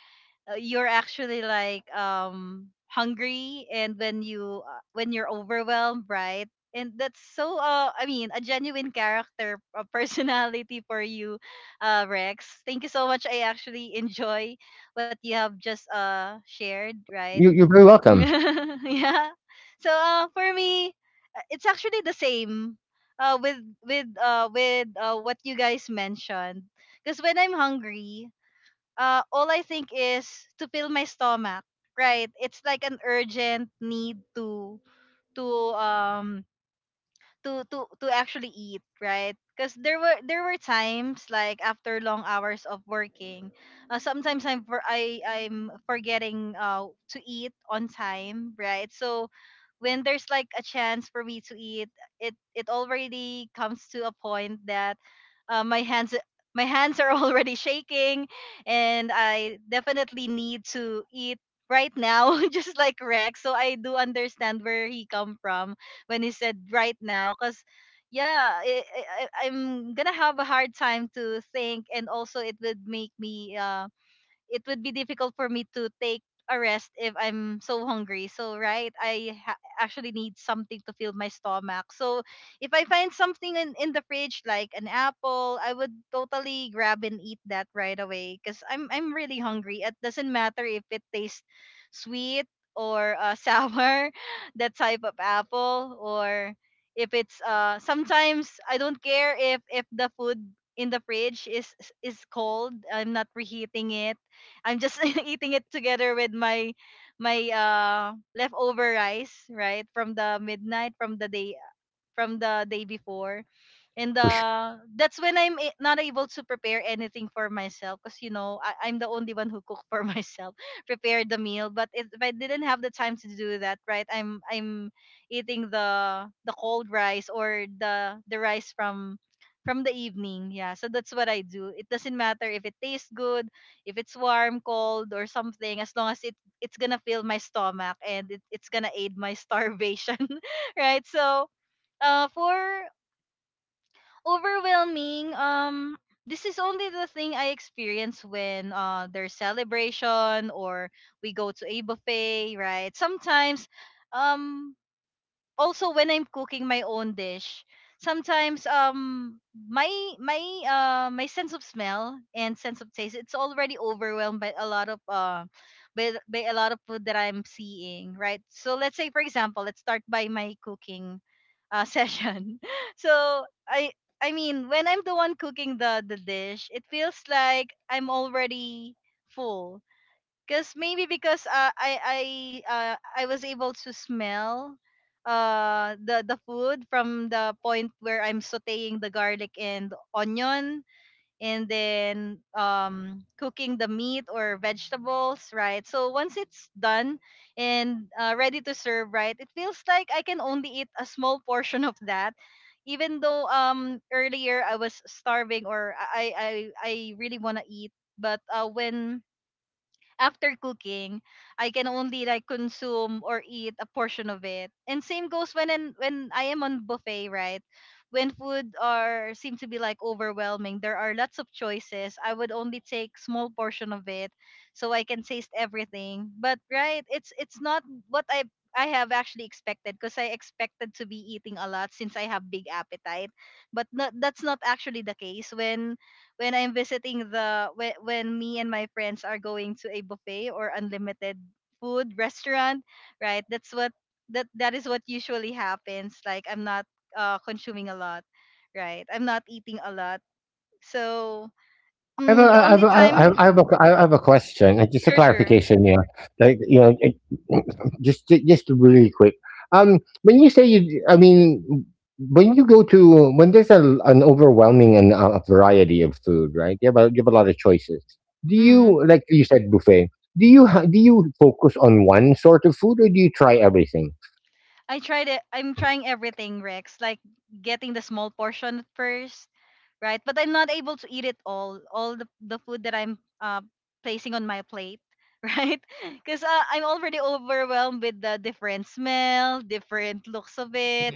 Speaker 1: you're actually like hungry and when you when you're overwhelmed, right? And that's a genuine character, a personality for you, Rex. Thank you so much. I actually enjoy what you have just shared, right?
Speaker 2: You're very welcome.
Speaker 1: [LAUGHS] Yeah. So for me, it's actually the same with what you guys mentioned. Because when I'm hungry, all I think is to fill my stomach. Right? It's like an urgent need to um to actually eat, right? Because there were times like after long hours of working, sometimes I'm forgetting to eat on time, right? So when there's like a chance for me to eat, it already comes to a point that uh, my hands my hands are [LAUGHS] already shaking, and I definitely need to eat right now, [LAUGHS] just like Rex. So I do understand where he come from when he said right now because I'm gonna have a hard time to think, and also it would make me it would be difficult for me to take a rest if I'm so hungry. So right, actually need something to fill my stomach. So if I find something in the fridge like an apple, I would totally grab and eat that right away because I'm really hungry. It doesn't matter if it tastes sweet or [LAUGHS] sour, that type of apple, or if it's sometimes I don't care if the food in the fridge is cold. I'm not reheating it. I'm just [LAUGHS] eating it together with my leftover rice, right? From the midnight, from the day before. And
Speaker 2: For sure.
Speaker 1: that's when not able to prepare anything for myself because, you know, I'm the only one who cook for [LAUGHS] myself, prepare the meal. But if I didn't have the time to do that, right, I'm eating the cold rice or the rice from the evening. Yeah, so that's what I do. It doesn't matter if it tastes good, if it's warm, cold, or something, as long as it's gonna fill my stomach, and it's gonna aid my [LAUGHS] starvation, [LAUGHS] right? So for overwhelming, this is only the thing I experience when there's celebration or we go to a buffet, right? Sometimes, um, also when I'm cooking my own dish, sometimes my my my sense of smell and sense of taste, it's already overwhelmed by a lot of by a lot of food that I'm seeing, right? So let's say for example, let's start by my cooking [LAUGHS] session. So I mean, when I'm the one cooking the dish, it feels like I'm already full. Cause maybe because I was able to smell the food from the point where I'm sautéing the garlic and onion, and then cooking the meat or vegetables, right? So once it's done and ready to serve, right, it feels like I can only eat a small portion of that, even though earlier I was starving, or I really want to eat. But when after cooking, I can only like consume or eat a portion of it. And same goes when when I am on buffet, right? When food are seem to be like overwhelming, there are lots of choices. I would only take small portion of it so I can taste everything. But right, it's not what I have actually expected, because I expected to be eating a lot since I have big appetite. But no, that's not actually the case when I'm visiting the when me and my friends are going to a buffet or unlimited food restaurant, right? That's what that is what usually happens. Like I'm not consuming a lot, right? I'm not eating a lot. So mm, the only
Speaker 2: I
Speaker 1: time,
Speaker 2: have I have a, I have a question, just a
Speaker 1: sure, sure.
Speaker 2: clarification. Yeah, like you know, it- [CLEARS THROAT] just really quick. When you say you, I mean, when you go to, when there's an overwhelming and, a variety of food, right? You have a lot of choices. Do
Speaker 1: Hmm.
Speaker 2: you, like you said, buffet? Do you focus on one sort of food, or do you try everything?
Speaker 1: I tried it. I'm trying everything, Rex. Like getting the small portion at first, right? But I'm not able to eat it all the food that I'm placing on my plate, [LAUGHS] right? Because I'm already overwhelmed with the different smell, different looks of it.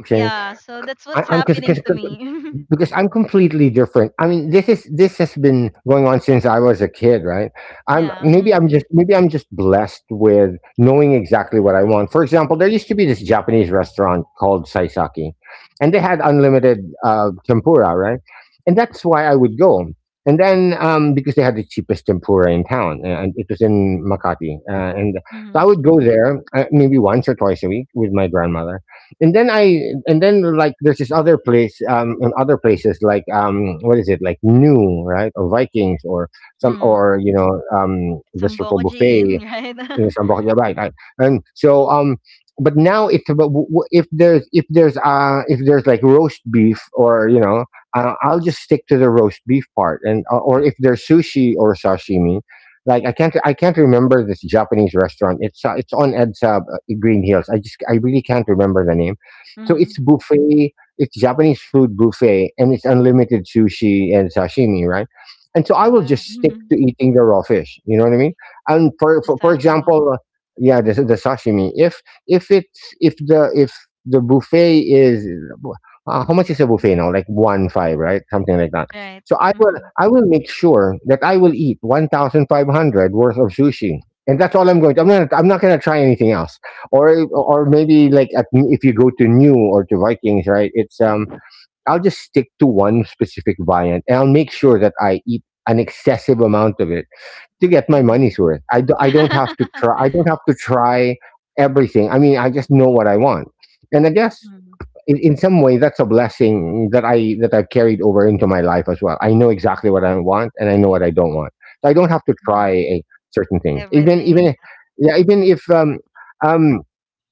Speaker 2: Okay.
Speaker 1: Yeah, so that's
Speaker 2: I,
Speaker 1: what's
Speaker 2: I'm because
Speaker 1: happening to me.
Speaker 2: because I'm completely different. I mean, this has been going on since I was a kid, right?
Speaker 1: [LAUGHS]
Speaker 2: I'm
Speaker 1: Yeah. Mm,
Speaker 2: maybe I'm just blessed with knowing exactly what I want. For example, there used to be this Japanese restaurant called Saisaki, and they had unlimited, tempura, right? And that's why I would go. And then, because they had the cheapest tempura in town, and it was in Makati, and so I
Speaker 1: mm,
Speaker 2: would go there, maybe once or twice a week with my grandmother, and then I and then, like, there's this other place, in other places, like, what is it, like, New, right, or Vikings, or some,
Speaker 1: mm.
Speaker 2: or, this little
Speaker 1: Samboko gin, [LAUGHS]
Speaker 2: buffet.
Speaker 1: right? [LAUGHS]
Speaker 2: Yes, I'm wrong. Yeah, right, right. And so, but now it's about, if there's, like, roast beef, or you know I'll just stick to the roast beef part, and, or if there's sushi or sashimi, like, I can't remember this Japanese restaurant. It's on Edsab, in Green Hills. I really can't remember the name. So
Speaker 1: Mm.
Speaker 2: it's buffet. It's Japanese food buffet, and it's unlimited sushi and sashimi, right? And
Speaker 1: Oh,
Speaker 2: so I will
Speaker 1: wow.
Speaker 2: just
Speaker 1: Mm-hmm.
Speaker 2: stick to eating the raw fish. You know what I mean? And
Speaker 1: The
Speaker 2: for
Speaker 1: sashimi,
Speaker 2: example, yeah, the sashimi, if it's, if the buffet is, how much is a buffet now, like, one five, right, something like that?
Speaker 1: right?
Speaker 2: So
Speaker 1: Mm-hmm.
Speaker 2: I will make sure that I will eat 1,500 worth of sushi, and that's all I'm going to, I'm not going to try anything else. Or maybe, like, if you go to New or to Vikings, right? it's I'll just stick to one specific variant, and I'll make sure that I eat an excessive amount of it to get my
Speaker 1: Mm-hmm.
Speaker 2: money's worth. I, do, I don't have to try I don't have to try everything. I mean, I just know what I want. And I
Speaker 1: [LAUGHS]
Speaker 2: guess,
Speaker 1: mm,
Speaker 2: in some way that's a blessing that I've carried over into my life as well. I know exactly what I want, and I know what I don't want. So I don't have to try
Speaker 1: mm.
Speaker 2: a certain thing. Even even
Speaker 1: Everything.
Speaker 2: if, yeah, even if, um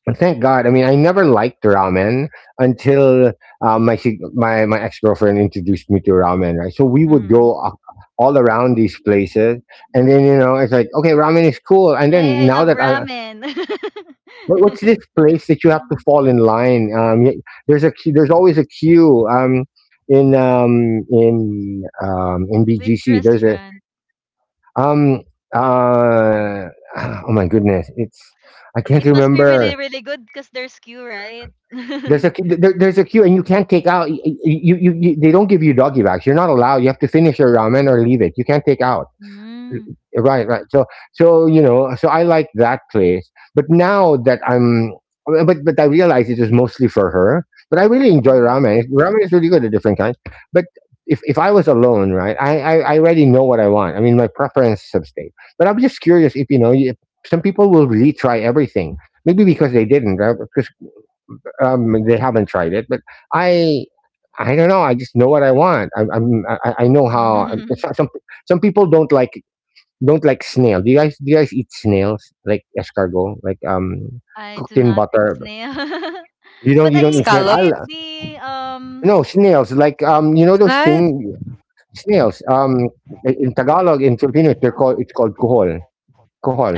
Speaker 2: but thank God. I mean, I never liked ramen until my ex girlfriend introduced me to ramen. Right, so we would
Speaker 1: Mm.
Speaker 2: go a- all around these places, and then it's like okay, ramen is cool. And
Speaker 1: Hey, I
Speaker 2: then
Speaker 1: love
Speaker 2: now that I
Speaker 1: ramen.
Speaker 2: what, what's
Speaker 1: [LAUGHS]
Speaker 2: this place that you have to
Speaker 1: Mhm.
Speaker 2: fall in line? There's always a queue. In
Speaker 1: Which
Speaker 2: BGC there's a
Speaker 1: restaurant?
Speaker 2: um uh [SIGHS] oh my goodness, it's I can't
Speaker 1: It must be really,
Speaker 2: remember.
Speaker 1: really good because there's queue, right? [LAUGHS]
Speaker 2: There's a queue, and you can't take out. You they don't give you doggy bags. You're not allowed. You have to finish your ramen or leave it. You can't take out.
Speaker 1: Mm.
Speaker 2: Right, right. So so. So I like that place. But I realize it was mostly for her. But I really enjoy
Speaker 1: Mhm.
Speaker 2: ramen. Ramen is really good, a different kind. But if I was alone, right, I already know what I want. I mean, my preference substate. But I'm just curious if you know. You, some people will retry everything. Maybe because they didn't, right? Because they haven't tried it, but I, I don't know. I just know what I want. I know how. It's not-
Speaker 1: [LAUGHS]
Speaker 2: Some people don't like snail. Do you guys eat snails like escargot, like
Speaker 1: I
Speaker 2: cooked
Speaker 1: do
Speaker 2: in
Speaker 1: not eat
Speaker 2: butter?
Speaker 1: snail. [LAUGHS] But
Speaker 2: You don't
Speaker 1: I
Speaker 2: eat
Speaker 1: do
Speaker 2: snail.
Speaker 3: Scallops
Speaker 1: eat the
Speaker 2: No snails. Like you know those
Speaker 3: knife? [LAUGHS]
Speaker 2: thing snails. In Tagalog, in Filipino, they're called. It's called kuhol.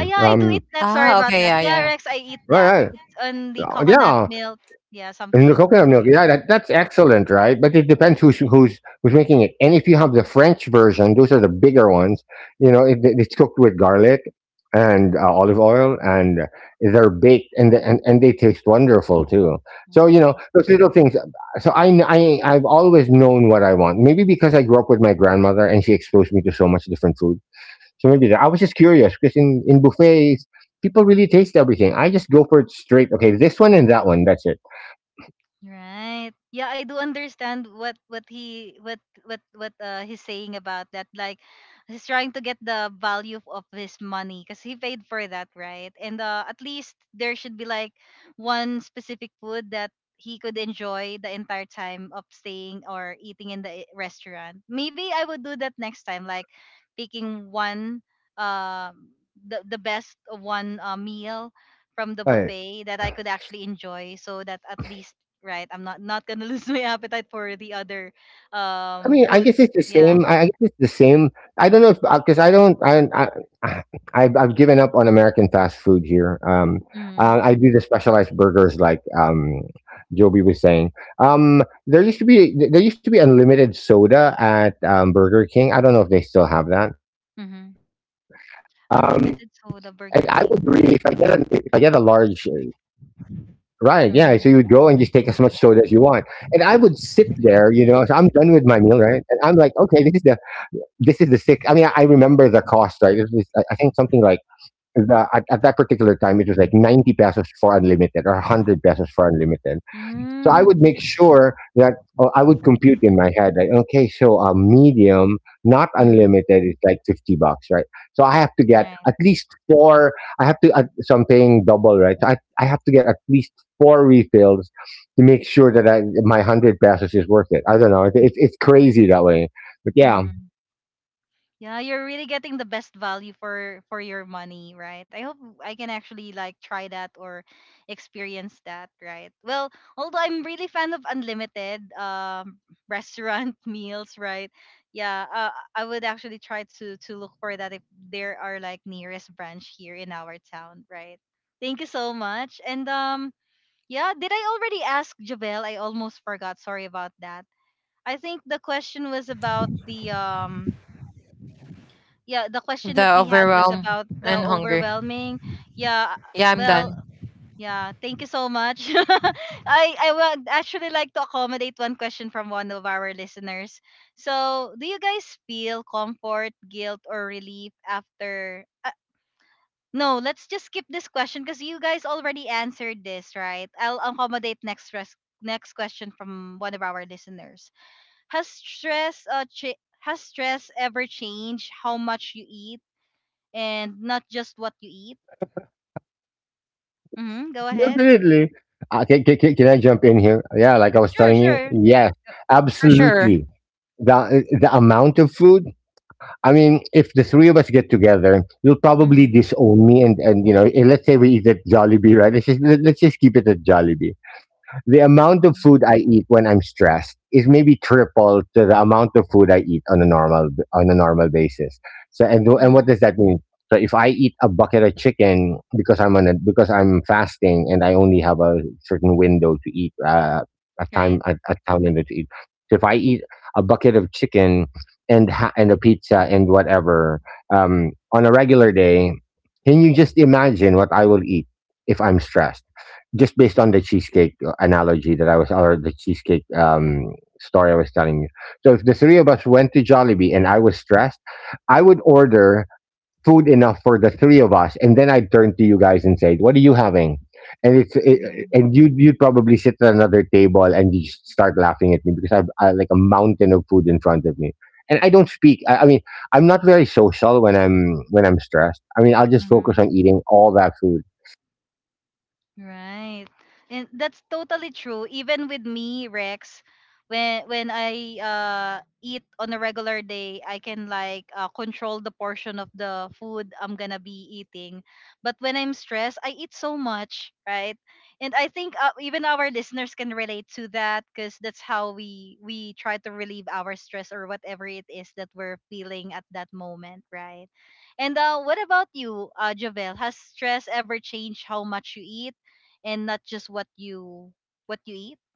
Speaker 1: ah yeah, I do eat
Speaker 3: Ah,
Speaker 1: that.
Speaker 3: okay,
Speaker 1: Sorry
Speaker 3: yeah,
Speaker 1: about
Speaker 3: yeah.
Speaker 1: that. Yeah, Rex, I eat that.
Speaker 2: Right,
Speaker 1: It's on the
Speaker 2: right.
Speaker 1: coconut
Speaker 2: Yeah,
Speaker 1: milk. Yeah,
Speaker 2: and the
Speaker 1: something.
Speaker 2: coconut milk, yeah, that, that's excellent, right? But it depends who's who's making it. And if you have the French version, those are the bigger ones. You know, it's cooked with garlic and olive oil, and they're baked, and, and they taste wonderful too. So you know, those little things. So I've always known what I want. Maybe because I grew up with my grandmother, and she exposed me to so much different food. So maybe that. I was just curious because in buffets, people really taste everything. I just go for it straight. Okay, this one and that one. That's
Speaker 1: Right. Yeah, I do understand what he's saying about that. Like he's trying to get the value of his money because he paid for that, right? And at least there should be like one specific food that he could enjoy the entire time of staying or eating in the restaurant. Maybe I would do that next time, like picking one um the best one meal from the
Speaker 2: it.
Speaker 1: buffet that I could actually enjoy, so that at least right I'm not gonna [LAUGHS] lose my appetite for the other
Speaker 2: I mean, I
Speaker 1: food.
Speaker 2: guess it's the
Speaker 1: Yeah.
Speaker 2: same. I guess it's the same. I don't know if because I don't. I [SIGHS] I- I've given up on American fast food here.
Speaker 1: Mm-hmm.
Speaker 2: I do the specialized burgers, like Joby was saying. There used to be there used to be unlimited soda at Burger King. I don't know if they still have that.
Speaker 1: Mm-hmm.
Speaker 2: Um, and I would really,
Speaker 1: Unlimited
Speaker 2: if I
Speaker 1: soda
Speaker 2: get a
Speaker 1: Burger
Speaker 2: large.
Speaker 1: King.
Speaker 2: Right, yeah. So you would go and just take as much soda as you
Speaker 1: Mm-hmm.
Speaker 2: want, and I would sit there. You know, so I'm done with my meal, right? And I'm like, okay, this is the sick. I mean, I remember the cost, right? It was, I think something like the, at that particular time, it was like 90 pesos for unlimited or 100 pesos for unlimited. So I would make
Speaker 1: Mm-hmm.
Speaker 2: sure that oh, I would compute in my head, like, okay, so a medium, not
Speaker 1: Mm-hmm.
Speaker 2: unlimited, is like $50, right? So I have to get at
Speaker 1: Right.
Speaker 2: least four, I have to, so I'm paying double, right? So I have to get at least four refills to make sure that I, my 100 pesos is worth it. I don't know. It's crazy that way. But yeah,
Speaker 1: Mm-hmm. Yeah, you're really getting the best value for your money, right? I hope I can actually like try that or experience that, right? Well, although I'm really fan of unlimited restaurant [LAUGHS] meals, right? Yeah, I would actually try to look for that if there are like nearest branch here in our town, right? Thank you so much. And yeah, did I already ask Javel? I almost forgot. Sorry about that. I think the question was about the yeah the
Speaker 3: Yeah.
Speaker 1: question that
Speaker 3: The
Speaker 1: we had was
Speaker 3: overwhelm
Speaker 1: about the
Speaker 3: and hunger.
Speaker 1: overwhelming. Yeah.
Speaker 3: Yeah, I'm
Speaker 1: Well,
Speaker 3: done.
Speaker 1: yeah, thank you so much. [LAUGHS] I would actually like to accommodate one question from one of our listeners. So do you guys feel comfort, guilt, or relief after no, let's just skip this question because you guys already answered this, right? I'll accommodate next next question from one of our listeners. Has has stress ever changed how much you eat, and not just what you eat. Mm-hmm. Go ahead.
Speaker 2: definitely. Can I jump in here? Yeah, like I was
Speaker 1: Sure,
Speaker 2: telling you.
Speaker 1: sure.
Speaker 2: Yes,
Speaker 3: For sure.
Speaker 2: absolutely. The amount of food. I mean, if the three of us get together, you'll probably
Speaker 1: Mm-hmm.
Speaker 2: disown me. And you know, eh, let's say we eat at Jollibee, right? Let's just, let's just keep it at Jollibee. The amount of
Speaker 1: Mm-hmm.
Speaker 2: food I eat when I'm stressed is maybe triple to the amount of food I eat on a normal basis. So and
Speaker 1: Mm-hmm.
Speaker 2: what does that mean? So if I eat a bucket of chicken because I'm on a, because I'm fasting and I only have a certain window to eat a
Speaker 1: Great.
Speaker 2: time a time window to eat. So if I eat a bucket of chicken and a pizza and whatever on a regular day, can you just imagine what I will eat if I'm stressed? Just based on the cheesecake analogy that I was, or the cheesecake story I was telling you. So if the three of us went to Jollibee and I was stressed, I would order food enough for the three of us, and then I'd turn to you guys and say, "What are you having?" And it's it,
Speaker 1: Mm-hmm.
Speaker 2: and you you'd probably sit at another table and you just start laughing at me because I've I, like a mountain of food in front of me. And I don't speak. I mean, I'm not very social when I'm stressed. I mean, I'll just focus
Speaker 1: Mm-hmm.
Speaker 2: on eating all that food.
Speaker 1: Right. And that's totally true. Even with me, Rex, when I eat on a regular day, I can like control the portion of the food I'm gonna be eating. But when I'm stressed, I eat so much, right? And I think even our listeners can relate to that, because that's how we try to relieve our stress or whatever it is that we're feeling at that moment, right? And what about you, Javel? Has stress ever changed how much you eat, and not just what you eat? [LAUGHS]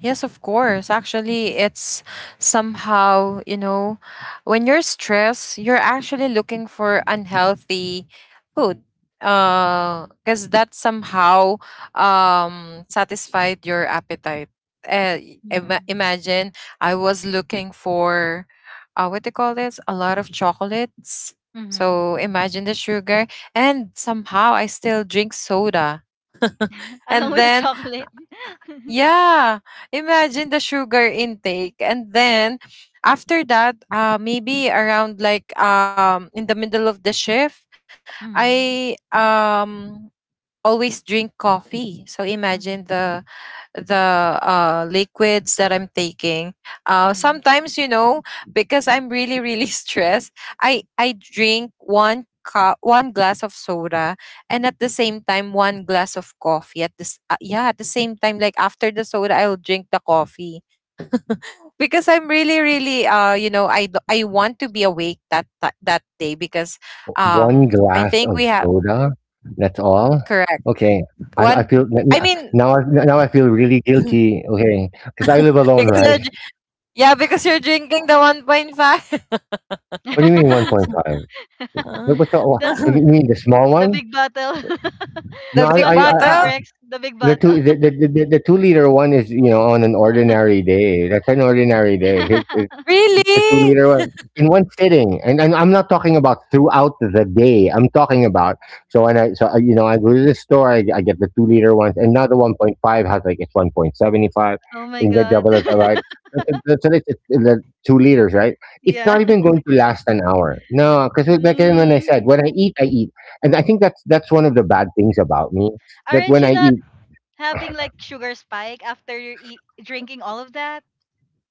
Speaker 3: Yes, of course. Actually, it's somehow, you know, when you're stressed, you're actually looking for unhealthy food. Because that somehow satisfied your appetite. Uh,
Speaker 1: Mm.
Speaker 3: Imagine, I was looking for what do you call this? A lot of chocolates.
Speaker 1: Mm-hmm.
Speaker 3: So imagine the sugar, and somehow I still drink soda.
Speaker 1: Along
Speaker 3: And
Speaker 1: with the
Speaker 3: then
Speaker 1: chocolate. [LAUGHS]
Speaker 3: yeah, imagine the sugar intake. And then after that, maybe around like in the middle of the shift, I
Speaker 1: Mm-hmm.
Speaker 3: um always drink coffee. So imagine
Speaker 1: Mm-hmm.
Speaker 3: the liquids that I'm taking.
Speaker 1: Mm-hmm.
Speaker 3: Sometimes, you know, because I'm really, really [LAUGHS] stressed, I drink one cup, one glass of soda, and at the same time, one glass of coffee. At this, yeah, at the same time, like after the soda, I'll drink the coffee [LAUGHS] because I'm really, really, you know, I want to be awake that day because,
Speaker 2: One
Speaker 3: I
Speaker 2: glass
Speaker 3: think
Speaker 2: of
Speaker 3: we have
Speaker 2: soda, that's all?
Speaker 3: correct
Speaker 2: Okay, I
Speaker 3: one.
Speaker 2: feel n
Speaker 3: I
Speaker 2: n
Speaker 3: mean,
Speaker 2: now I now I feel really guilty. Okay, because I live alone,
Speaker 3: because
Speaker 2: right?
Speaker 3: you're, dr- yeah, because you're drinking the 1.5.
Speaker 2: What do you mean
Speaker 1: [LAUGHS]
Speaker 2: 1.5? What
Speaker 3: Uh,
Speaker 2: what's the o
Speaker 1: the
Speaker 2: you
Speaker 3: [LAUGHS]
Speaker 2: mean the small
Speaker 1: the
Speaker 2: one?
Speaker 1: big bottle. [LAUGHS]
Speaker 2: No,
Speaker 3: the
Speaker 1: It's
Speaker 3: big
Speaker 1: 1.5,
Speaker 3: bottle?
Speaker 2: I
Speaker 1: Rex, the big
Speaker 2: the
Speaker 1: bottle.
Speaker 2: two the, the 2 liter one is you know on an ordinary day. That's an ordinary day.
Speaker 1: [LAUGHS]
Speaker 2: The two
Speaker 3: Really?
Speaker 2: liter one in one sitting, and I'm not talking about throughout the day. I'm talking about so when I so you know I go to the store, I get the 2 liter ones, and now the 1.5 has like it's 1.75,
Speaker 1: Oh my
Speaker 2: in the
Speaker 1: god.
Speaker 2: double it, right?
Speaker 1: [LAUGHS]
Speaker 2: So it's the 2 liters, right? It's
Speaker 1: Yeah.
Speaker 2: not even going to last an hour. No, because like when I
Speaker 1: Mm.
Speaker 2: said, when I eat, and I think that's one of the bad things about me that
Speaker 1: Aren't
Speaker 2: when
Speaker 1: you
Speaker 2: I
Speaker 1: not
Speaker 2: eat,
Speaker 1: having like sugar spike after you're eat, drinking all of that?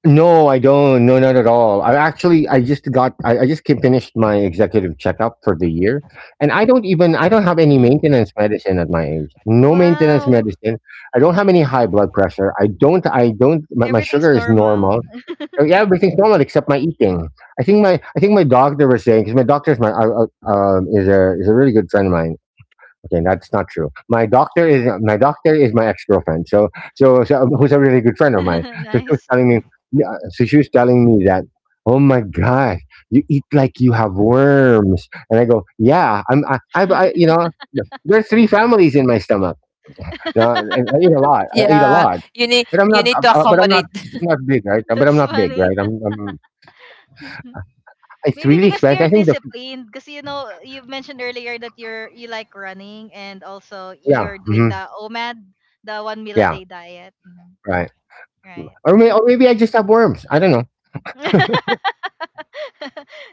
Speaker 2: no, I don't. No, not at all. I actually, I just came, finished my executive checkup for the year, and I don't even, I don't have any
Speaker 1: Mm.
Speaker 2: maintenance medicine at my age. No maintenance
Speaker 1: Wow.
Speaker 2: medicine. I don't have any high blood pressure. I don't. My
Speaker 1: Everything's
Speaker 2: sugar is
Speaker 1: normal.
Speaker 2: normal. Yeah, everything's normal except my eating. I think my doctor was saying because my doctor is my, is a really good friend of mine. Okay, that's not true. My doctor is my ex girlfriend. So, so so who's a really good friend of mine. So she was
Speaker 1: [LAUGHS] Nice.
Speaker 2: telling me, yeah, so she was telling me that, oh my god, you eat like you have worms, and I go, yeah, I you know there's 3 families in my stomach. Now, and I eat a lot. I eat a
Speaker 3: Yeah.
Speaker 2: lot, but I'm
Speaker 3: You
Speaker 2: not
Speaker 3: need to
Speaker 2: but
Speaker 3: accommodate
Speaker 2: I'm not big, right? But I'm
Speaker 1: That's
Speaker 2: not big,
Speaker 1: funny.
Speaker 2: right? I'm
Speaker 1: [LAUGHS]
Speaker 2: it's
Speaker 1: Maybe
Speaker 2: really
Speaker 1: because
Speaker 2: expensive.
Speaker 1: you're
Speaker 2: I think the
Speaker 1: disciplined, because you know you mentioned earlier that you're you like running and also
Speaker 2: yeah,
Speaker 1: you're doing
Speaker 2: hmm
Speaker 1: the OMAD, the one meal a
Speaker 2: yeah,
Speaker 1: day diet, hmm,
Speaker 2: right.
Speaker 1: right?
Speaker 2: Or
Speaker 1: Mhm.
Speaker 2: maybe I just have worms. I don't know.
Speaker 1: [LAUGHS]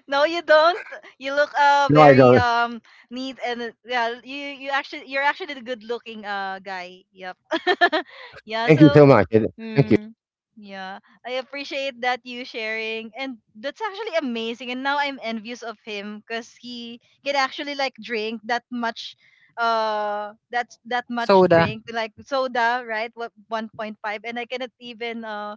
Speaker 1: No, you don't. You look
Speaker 2: No, I
Speaker 1: very
Speaker 2: don't.
Speaker 1: neat and yeah, you actually you're actually the good looking guy. Yep. [LAUGHS] Yeah.
Speaker 2: Thank you
Speaker 1: So
Speaker 2: so much. And thank you.
Speaker 1: Mm, yeah, I appreciate that you sharing, and that's actually amazing. And now I'm envious of him because he can actually like drink that much, that much
Speaker 3: [LAUGHS] soda.
Speaker 1: drink like soda, right? What 1.5, and I cannot even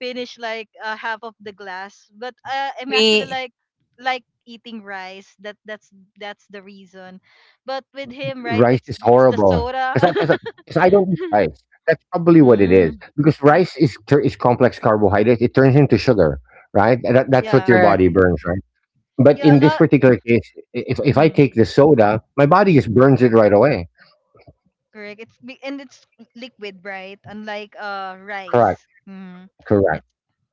Speaker 1: finish like half of the glass. But I'm actually
Speaker 3: Me
Speaker 1: like eating rice. That's the reason. But with him, right?
Speaker 2: Rice
Speaker 1: It's
Speaker 2: is
Speaker 1: it's the
Speaker 2: horrible
Speaker 1: soda.
Speaker 2: because
Speaker 1: [LAUGHS]
Speaker 2: I, 'cause I 'cause I don't eat rice. That's probably what it is
Speaker 1: mm,
Speaker 2: because is complex carbohydrates. It turns into sugar, right? And that, that's what
Speaker 1: yeah,
Speaker 2: your body
Speaker 3: correct.
Speaker 2: burns, right? But
Speaker 1: yeah, a
Speaker 2: in this
Speaker 1: lot.
Speaker 2: particular case, if I
Speaker 1: mm.
Speaker 2: take the soda, my body just burns it right away.
Speaker 1: Correct. It's big and it's liquid, right? Unlike rice.
Speaker 2: Correct.
Speaker 1: Mm. It
Speaker 2: Correct.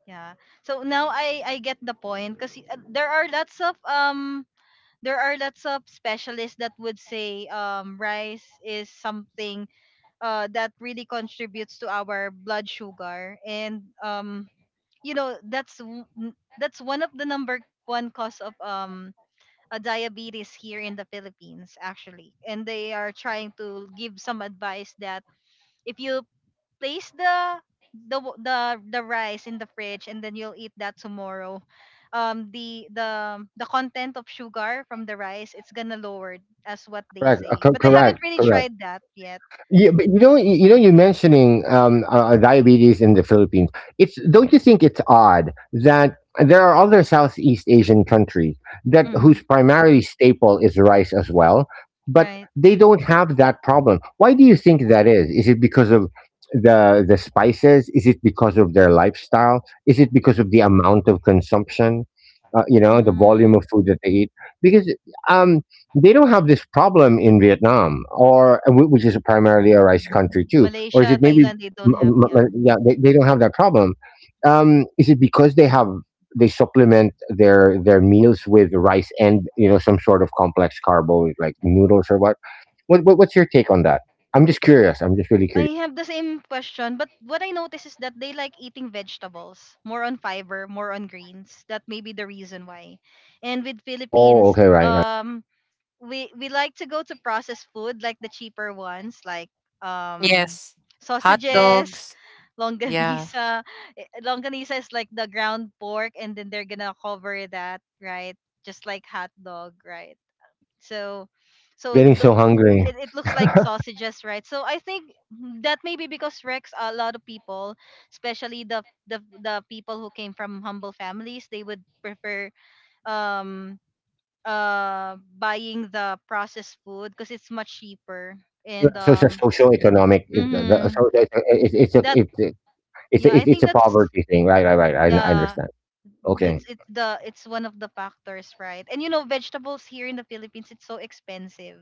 Speaker 1: Yeah. So now I get the point because there are lots of specialists that would say rice is something that really contributes to our blood sugar, and you know, that's one of the number one cause of a diabetes here in the Philippines actually. And they are trying to give some advice that if you place the rice in the fridge and then you'll eat that tomorrow, the content of sugar from the rice, it's gonna lower, as what they
Speaker 2: Correct.
Speaker 1: say, but I
Speaker 2: Correct.
Speaker 1: haven't really
Speaker 2: Correct.
Speaker 1: tried that yet.
Speaker 2: Yeah, but you know, you know, you're mentioning diabetes in the Philippines. It's don't you think it's odd that there are other Southeast Asian countries that
Speaker 1: hmm
Speaker 2: whose primary staple is rice as well, but
Speaker 1: right
Speaker 2: they don't have that problem. Why do you think that is? Is it because of the spices? Is it because of their lifestyle? Is it because of the amount of consumption? You know, the volume
Speaker 1: mm,
Speaker 2: of food that they eat. Because um, they don't have this problem in Vietnam, or which is primarily a rice country too, or is
Speaker 1: Malaysia,
Speaker 2: it maybe?
Speaker 1: Thailand, they don't have, yeah.
Speaker 2: Yeah, they don't have that problem. Is it because they have they supplement their meals with rice and you know some sort of complex carbo like noodles or what? What's your take on that? I'm just curious. I'm just really
Speaker 1: I
Speaker 2: curious.
Speaker 1: have the same question, but what I notice is that they like eating vegetables, more on fiber, more on greens. That may be the reason why. And with
Speaker 2: Oh,
Speaker 1: Philippines,
Speaker 2: okay, right, right.
Speaker 1: we like to go to processed food, like the cheaper ones, like um
Speaker 3: Yes. Hot
Speaker 1: sausages,
Speaker 3: dogs.
Speaker 1: [LAUGHS]
Speaker 3: Yeah.
Speaker 1: longanisa. Longanisa is like the ground pork and then they're gonna cover that, right? Just like hot dog, right? so so
Speaker 2: Getting so
Speaker 1: though
Speaker 2: hungry.
Speaker 1: It looks like sausages, right? So I think that maybe because, Rex, a lot of people, especially the people who came from humble families, they would prefer, um buying the processed food because it's much cheaper.
Speaker 2: Yeah,
Speaker 1: and
Speaker 2: so it's a
Speaker 1: um
Speaker 2: social economic.
Speaker 1: mhm.
Speaker 2: It's a
Speaker 1: that yeah, I
Speaker 2: it's
Speaker 1: think
Speaker 2: a
Speaker 1: that's,
Speaker 2: poverty thing, right? Right? Right? I
Speaker 1: yeah,
Speaker 2: understand. Okay.
Speaker 1: it's the it's one of the factors, right? And you know, vegetables here in the Philippines, it's so expensive,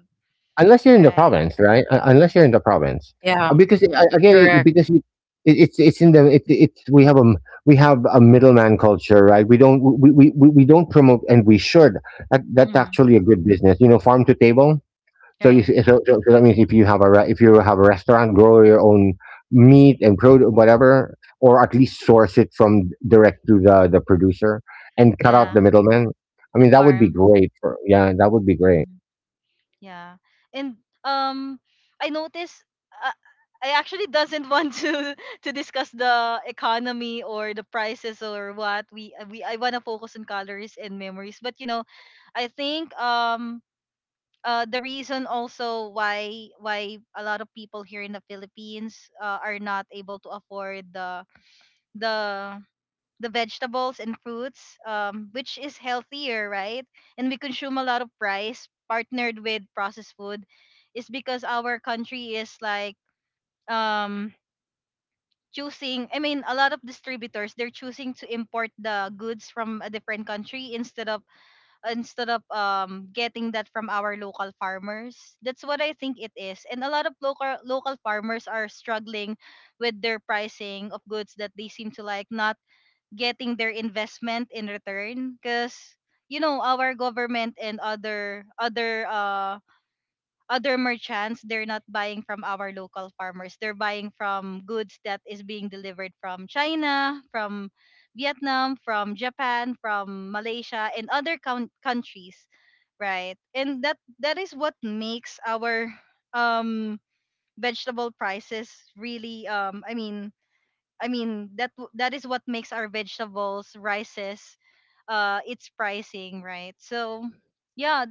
Speaker 2: Unless you're in the
Speaker 1: right?
Speaker 2: province, right? Unless you're in the province,
Speaker 3: Yeah.
Speaker 2: because it, again, it,
Speaker 3: Correct.
Speaker 2: because you, it, it's in the it's we have we have a middleman culture, right? We don't promote, and we should. That's
Speaker 1: mm,
Speaker 2: actually a good business, you know, farm to table. So
Speaker 1: right
Speaker 2: so that means if you have if you have a restaurant, grow your own meat and produce, whatever, or at least source it from direct to the producer and cut out
Speaker 1: yeah,
Speaker 2: the middleman. I
Speaker 1: the
Speaker 2: mean, that would be
Speaker 1: farm.
Speaker 2: great. Yeah, that would be great
Speaker 1: mm. Yeah. And um I noticed uh, I actually doesn't want to [LAUGHS] to discuss the economy or the prices or what we I want to focus on calories and memories. But you know, I think the reason also why a lot of people here in the Philippines are not able to afford the the vegetables and fruits, which is healthier, right? And we consume a lot of rice partnered with processed food, is because our country is like, um, choosing. I mean, a lot of distributors, they're choosing to import the goods from a different country instead of getting that from our local farmers. That's what I think it is, and a lot of local farmers are struggling with their pricing of goods, that they seem to like not getting their investment in return, because you know, our government and other merchants, they're not buying from our local farmers, they're buying from goods that is being delivered from China, from Vietnam, from Japan, from Malaysia, and other countries, right? And that, that is what makes our um vegetable prices really, I mean, that is what makes our vegetables, rices, its pricing, right? So yeah,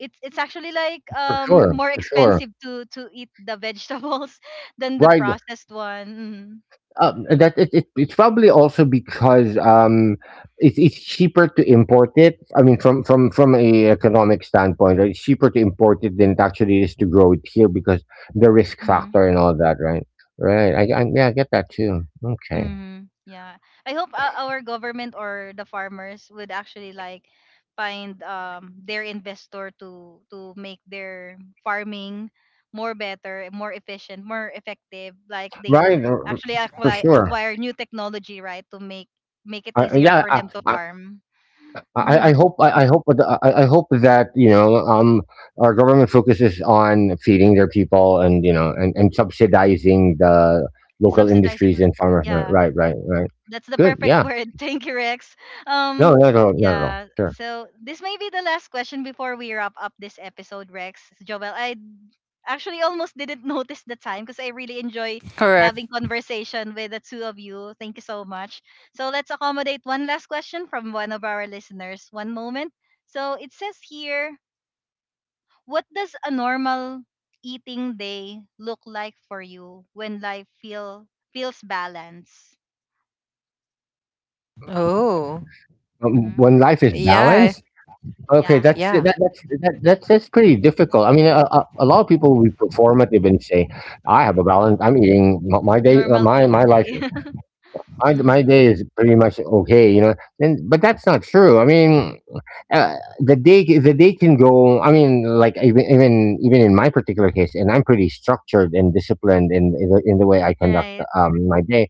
Speaker 1: it's actually like
Speaker 2: for sure,
Speaker 1: more
Speaker 2: for sure.
Speaker 1: expensive to eat the vegetables [LAUGHS] than the
Speaker 2: Right.
Speaker 1: processed one.
Speaker 2: It's probably also because it's cheaper to import it. I mean, from from a economic standpoint, right? It's cheaper to import it than it actually is to grow it here because the risk
Speaker 1: Mm-hmm. Mm-hmm.
Speaker 2: factor and all that, right? Right. I yeah, I get that too. Okay.
Speaker 1: Mm-hmm. Yeah. I hope our government or the farmers would actually like find their investor to make their farming more better, more efficient, more effective. Like they would
Speaker 2: Right.
Speaker 1: actually
Speaker 2: For sure.
Speaker 1: acquire new technology, right, to make it easier
Speaker 2: Yeah.
Speaker 1: for
Speaker 2: I,
Speaker 1: them to farm. hmm
Speaker 2: I hope I hope that you know our government focuses on feeding their people and you know and subsidizing the local industries
Speaker 1: Subsidizing.
Speaker 2: and farmers.
Speaker 1: Yeah.
Speaker 2: Right, right, right.
Speaker 1: That's the
Speaker 2: Good.
Speaker 1: perfect
Speaker 2: Yeah.
Speaker 1: word. [LAUGHS] Thank you, Rex.
Speaker 2: No,
Speaker 1: Um
Speaker 2: not at all. Not at all.
Speaker 1: yeah.
Speaker 2: Sure.
Speaker 1: So this may be the last question before we wrap up this episode, Rex. Joel, I actually almost didn't [LAUGHS] notice the time because I really enjoy having
Speaker 3: Correct.
Speaker 1: conversation with the two of you. Thank you so much. So let's accommodate one last question from one of our listeners. One moment. So it says here, what does a normal eating day look like for you when life feel feels balanced?
Speaker 3: Oh.
Speaker 1: Hmm.
Speaker 2: When life is
Speaker 3: Yeah.
Speaker 2: balanced, okay,
Speaker 1: Yeah,
Speaker 2: that's that,
Speaker 3: Yeah.
Speaker 2: that's that, that's pretty difficult. I mean, a lot of people will be performative and say, "I have a balance. I'm eating my, my day.
Speaker 1: normal
Speaker 2: My my
Speaker 1: eating
Speaker 2: life.
Speaker 1: day. [LAUGHS]
Speaker 2: My
Speaker 1: mm,
Speaker 2: day is pretty much okay, you know, and but that's not true. I mean, the day can go. I mean, like even in my particular case, and I'm pretty structured and disciplined in the way I conduct
Speaker 1: right.
Speaker 2: my day.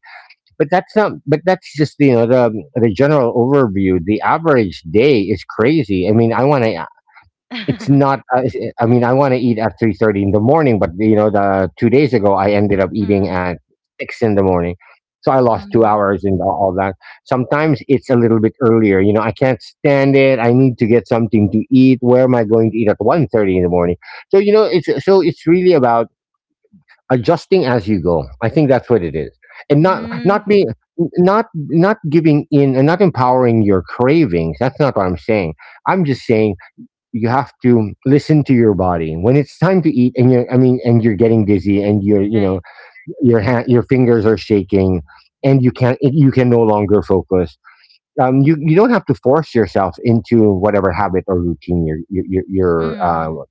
Speaker 2: But that's not. But that's just you know the general overview. The average day is crazy. I mean, I want to it's not.
Speaker 1: [LAUGHS]
Speaker 2: Is- I mean, I want to eat at 3:30 in the morning, but you know, the 2 days ago I ended up eating
Speaker 1: mm,
Speaker 2: at six in the morning, so I lost two
Speaker 1: mm,
Speaker 2: hours and all that. Sometimes it's a little bit earlier. You know, I can't stand it. I need to get something to eat. Where am I going to eat at 1:30 in the morning? So you know, it's so it's really about adjusting as you go. I think that's what it is, and not not
Speaker 1: mm,
Speaker 2: being not not giving in and not empowering your cravings. That's not what I'm saying. I'm just saying you have to listen to your body when it's time to eat and you're getting dizzy and you're you
Speaker 1: right.
Speaker 2: know your hand your fingers are shaking and you can no longer focus. You don't have to force yourself into whatever habit or routine
Speaker 1: Mm,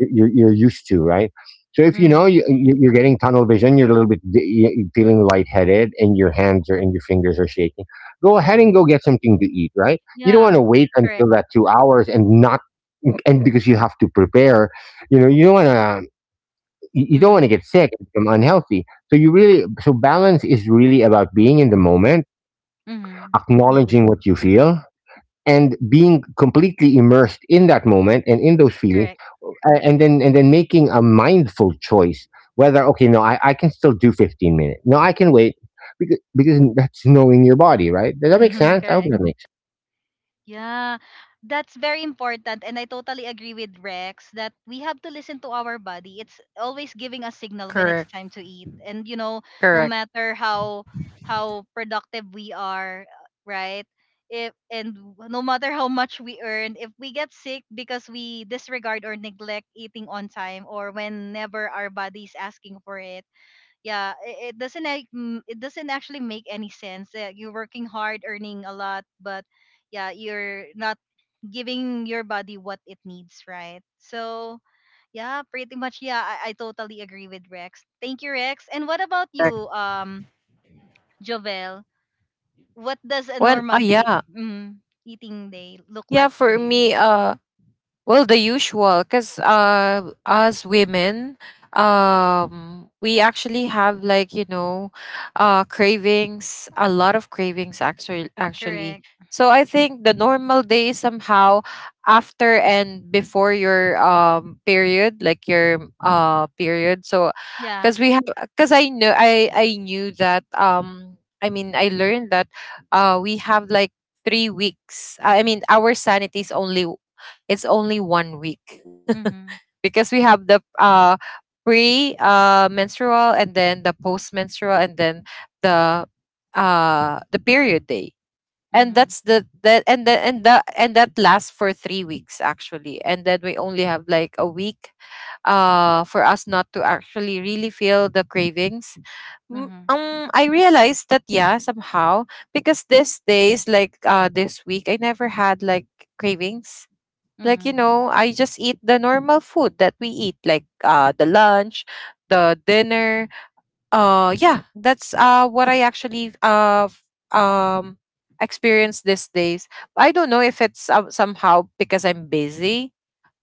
Speaker 2: you're used to, right? So if you know
Speaker 1: mm.
Speaker 2: you're getting tunnel vision, you're a little bit di- you feeling lightheaded and your hands are and your fingers are shaking, go ahead and go get something to eat. Right, you don't
Speaker 1: Yeah.
Speaker 2: want to wait
Speaker 1: Correct.
Speaker 2: until that 2 hours and not, and because you have to prepare. You know, you don't want to, you don't want to
Speaker 1: Mhm.
Speaker 2: get sick and become unhealthy. So you really, so balance is really about being in the moment,
Speaker 1: Mhm.
Speaker 2: acknowledging what you feel and being completely immersed in that moment and in those feelings,
Speaker 1: Correct.
Speaker 2: and then making a mindful choice, whether okay, no, I can still do 15 minutes, no, I can wait because that's knowing your body, right? Does that make
Speaker 1: [LAUGHS]
Speaker 2: sense? I hope
Speaker 1: Correct.
Speaker 2: that makes.
Speaker 1: Yeah, that's very important. And I totally agree with Rex that we have to listen to our body. It's always giving us signal when it's time
Speaker 3: Correct.
Speaker 1: to eat. And you know, no
Speaker 3: Correct.
Speaker 1: matter how productive we are, right? If and w- no matter how much we earn, if we get sick because we disregard or neglect eating on time or whenever our body's asking for it, yeah, it doesn't it doesn't actually make any sense that you're working hard earning a lot, but yeah, you're not giving your body what it needs, right? So yeah, pretty much, yeah, I totally agree with Rex. Thank you, Rex. And what about you,
Speaker 3: Correct.
Speaker 1: Jovel? What does a
Speaker 3: When oh
Speaker 1: normal day,
Speaker 3: yeah.
Speaker 1: mm, eating day look
Speaker 3: Yeah,
Speaker 1: like for
Speaker 3: for
Speaker 1: you?
Speaker 3: me, well, the usual, because as women, we actually have like, you know, cravings, a lot of cravings actually. Actually,
Speaker 1: Correct.
Speaker 3: so I think the normal day somehow after and before your period, like your period. So,
Speaker 1: Yeah.
Speaker 3: because we have, because I know I knew that I mean I learned that we have like 3 weeks. I mean our sanity is only it's only 1 week
Speaker 1: mm-hmm
Speaker 3: [LAUGHS] because we have the pre menstrual and then the post menstrual and then the the period day, and
Speaker 1: mm-hmm
Speaker 3: that's the that and the and the and that lasts for 3 weeks actually. And then we only have like a week for us not to actually really feel the cravings. Mm,
Speaker 1: mm-hmm
Speaker 3: I realized that, yeah, somehow because these days, like this week, I never had like cravings, like, you
Speaker 1: mm-hmm
Speaker 3: know. I just eat the normal food that we eat, like the lunch, the dinner. Yeah, that's what I actually um experience these days. I don't know if it's somehow because I'm busy,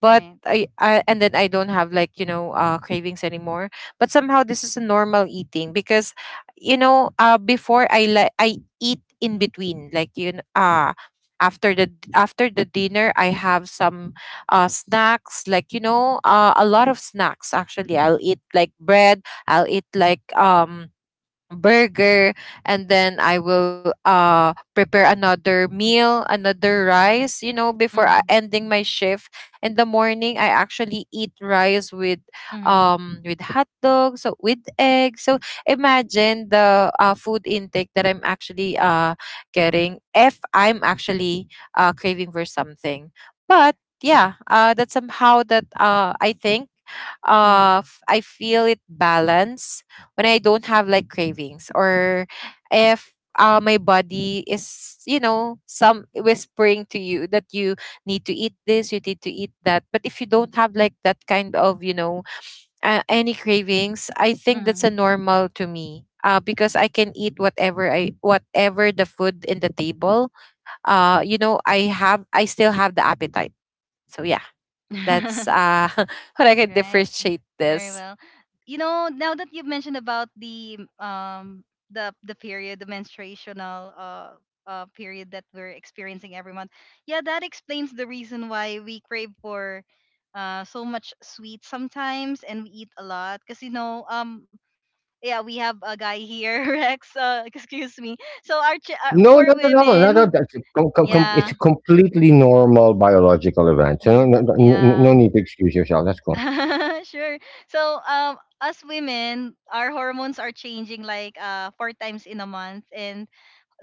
Speaker 3: but
Speaker 1: right.
Speaker 3: I and then I don't have like, you know, cravings anymore. But somehow this is a normal eating because, you know, before I like, I eat in between, like, you know. After the, after the dinner, I have some snacks, like, you know, a lot of snacks actually. I'll eat like bread, I'll eat like burger, and then I will prepare another meal, another rice, you know, before
Speaker 1: mm-hmm
Speaker 3: ending my shift. In the morning, I actually eat rice
Speaker 1: mm-hmm
Speaker 3: with hot dogs, so with eggs. So imagine the food intake that I'm actually getting if I'm actually craving for something. But yeah, that's somehow that I think I feel it balance when I don't have like cravings. Or if my body is, you know, some whispering to you that you need to eat this, you need to eat that. But if you don't have like that kind of, you know, any cravings, I think that's
Speaker 1: mm-hmm
Speaker 3: a normal to me. Because I can eat whatever I whatever the food in the table. You know, I have, I still have the appetite. So yeah, that's
Speaker 1: [LAUGHS]
Speaker 3: [LAUGHS] what I can
Speaker 1: Right.
Speaker 3: differentiate
Speaker 1: Very
Speaker 3: this.
Speaker 1: well. You know, now that you've mentioned about the the period, the menstruational period that we're experiencing every month. Yeah, that explains the reason why we crave for so much sweet sometimes and we eat a lot, because you know, yeah, we have a guy here, [LAUGHS] Rex, uh, excuse me.
Speaker 2: No,
Speaker 1: For
Speaker 2: no, no, no, no, no.
Speaker 1: women.
Speaker 2: That's a com- com- com-
Speaker 1: Yeah.
Speaker 2: It's a completely normal biological event. So
Speaker 1: [LAUGHS]
Speaker 2: no, no, no, no
Speaker 1: Yeah.
Speaker 2: need to excuse yourself. That's cool.
Speaker 1: [LAUGHS] Sure. So, as women, our hormones are changing like four times in a month, and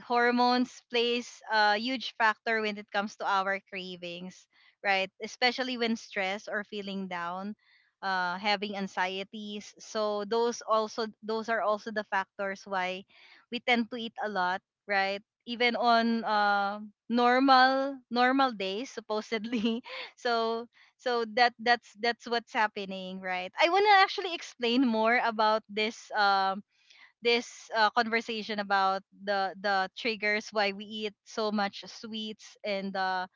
Speaker 1: hormones plays a huge factor when it comes to our cravings, right? Especially when stressed or feeling down, having anxieties. So those also, those are also the factors why we tend to eat a lot, right? Even on, normal days supposedly. [LAUGHS] So that's what's happening, right? I want to actually explain more about this, conversation about the triggers why we eat so much sweets and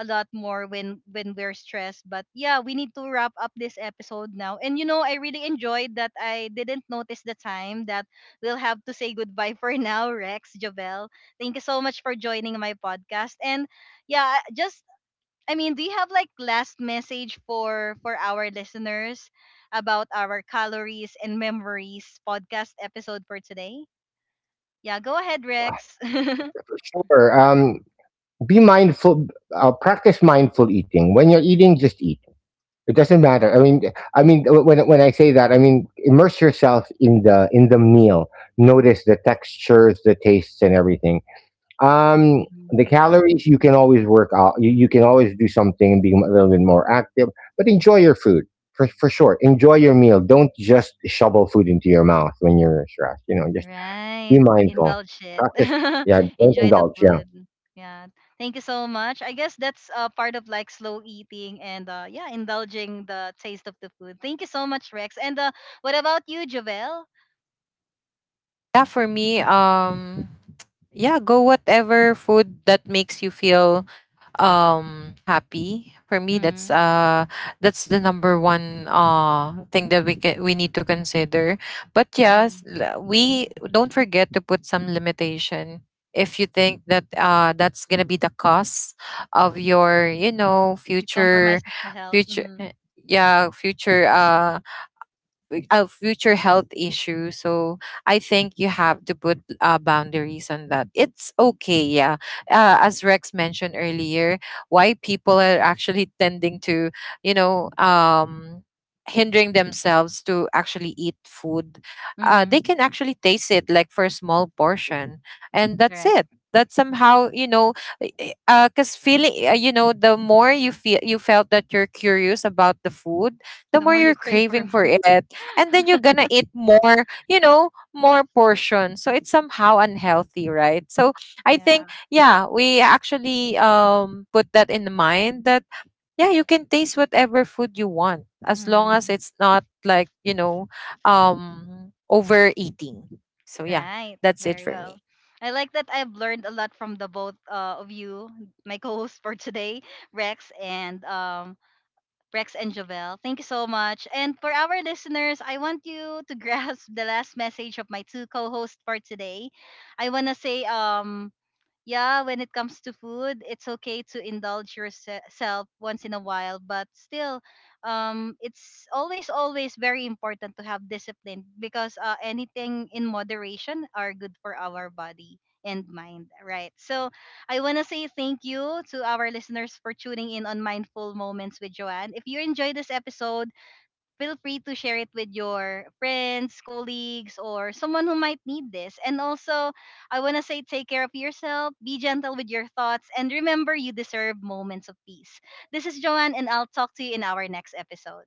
Speaker 1: a lot more when we're stressed. But yeah, we need to wrap up this episode now, and you know, I really enjoyed that. I didn't notice the time, that we'll have to say goodbye for [LAUGHS] now. Rex, Javel, thank you so much for joining my podcast. And yeah, just I mean, do you have like last message for our listeners about our calories and memories podcast episode for today? Yeah, go ahead, Rex. [LAUGHS]
Speaker 2: Sure. Be mindful. Practice mindful eating. When you're eating, just eat. It doesn't matter. I mean, when I say that, I mean immerse yourself in the meal. Notice the textures, the tastes, and everything. Um, the
Speaker 1: Mm,
Speaker 2: calories you can always work out. You can always do something and be a little bit more active, but enjoy your food for sure. Enjoy your meal. Don't just shovel food into your mouth when you're stressed. You know, just be
Speaker 1: Right.
Speaker 2: mindful.
Speaker 1: Indulge it.
Speaker 2: Practice.
Speaker 1: [LAUGHS]
Speaker 2: Yeah, don't
Speaker 1: Enjoy the
Speaker 2: indulge. Yeah.
Speaker 1: food. Yeah. Thank you so much. I guess that's part of like slow eating and yeah, indulging the taste of the food. Thank you so much, Rex. And what about you, Javel?
Speaker 3: Yeah, for me, yeah, go whatever food that makes you feel happy. For me,
Speaker 1: Mm-hmm.
Speaker 3: that's the number one thing that we can, we need to consider. But yes,
Speaker 1: Mm-hmm.
Speaker 3: we don't forget to put some limitation if you think that that's gonna be the cost of your, you know,
Speaker 1: It compromises the health.
Speaker 3: future
Speaker 1: Mm-hmm.
Speaker 3: yeah, future health issue. So I think you have to put boundaries on that. It's okay, yeah. As Rex mentioned earlier, why people are actually tending to, you know, hindering themselves to actually eat food, they
Speaker 1: Mm-hmm.
Speaker 3: can actually taste it like for a small portion, and that's it. That somehow, you know, because feeling, you know, the more you feel, you felt that you're curious about the food,
Speaker 1: The
Speaker 3: the more
Speaker 1: more you
Speaker 3: you're
Speaker 1: crave for
Speaker 3: craving for
Speaker 1: more.
Speaker 3: it, and then you're
Speaker 1: [LAUGHS]
Speaker 3: gonna eat more, you know, more portions. So it's somehow unhealthy, right? So I
Speaker 1: Yeah.
Speaker 3: think, yeah, we actually put that in mind that yeah, you can taste whatever food you want as long as
Speaker 1: Hmm.
Speaker 3: it's not like, you know, overeating. So yeah,
Speaker 1: Right.
Speaker 3: that's it
Speaker 1: Very
Speaker 3: for
Speaker 1: well.
Speaker 3: me.
Speaker 1: I like that. I've learned a lot from the both of you, my co-host for today, Rex and Jovel. Thank you so much. And for our listeners, I want you to [LAUGHS] grasp the last message of my two co-hosts for today. I wanna say yeah, when it comes to food, it's okay to indulge yourself once in a while, but still, it's always, always very important to have discipline, because anything in moderation are good for our body and mind, right? So I want to say thank you to our listeners for tuning in on Mindful Moments with Joanne. If you enjoyed this episode, feel free to share it with your friends, colleagues, or someone who might need this. And also, I want to say take care of yourself, be gentle with your thoughts, and remember you deserve moments of peace. This is Joanne, and I'll talk to you in our next episode.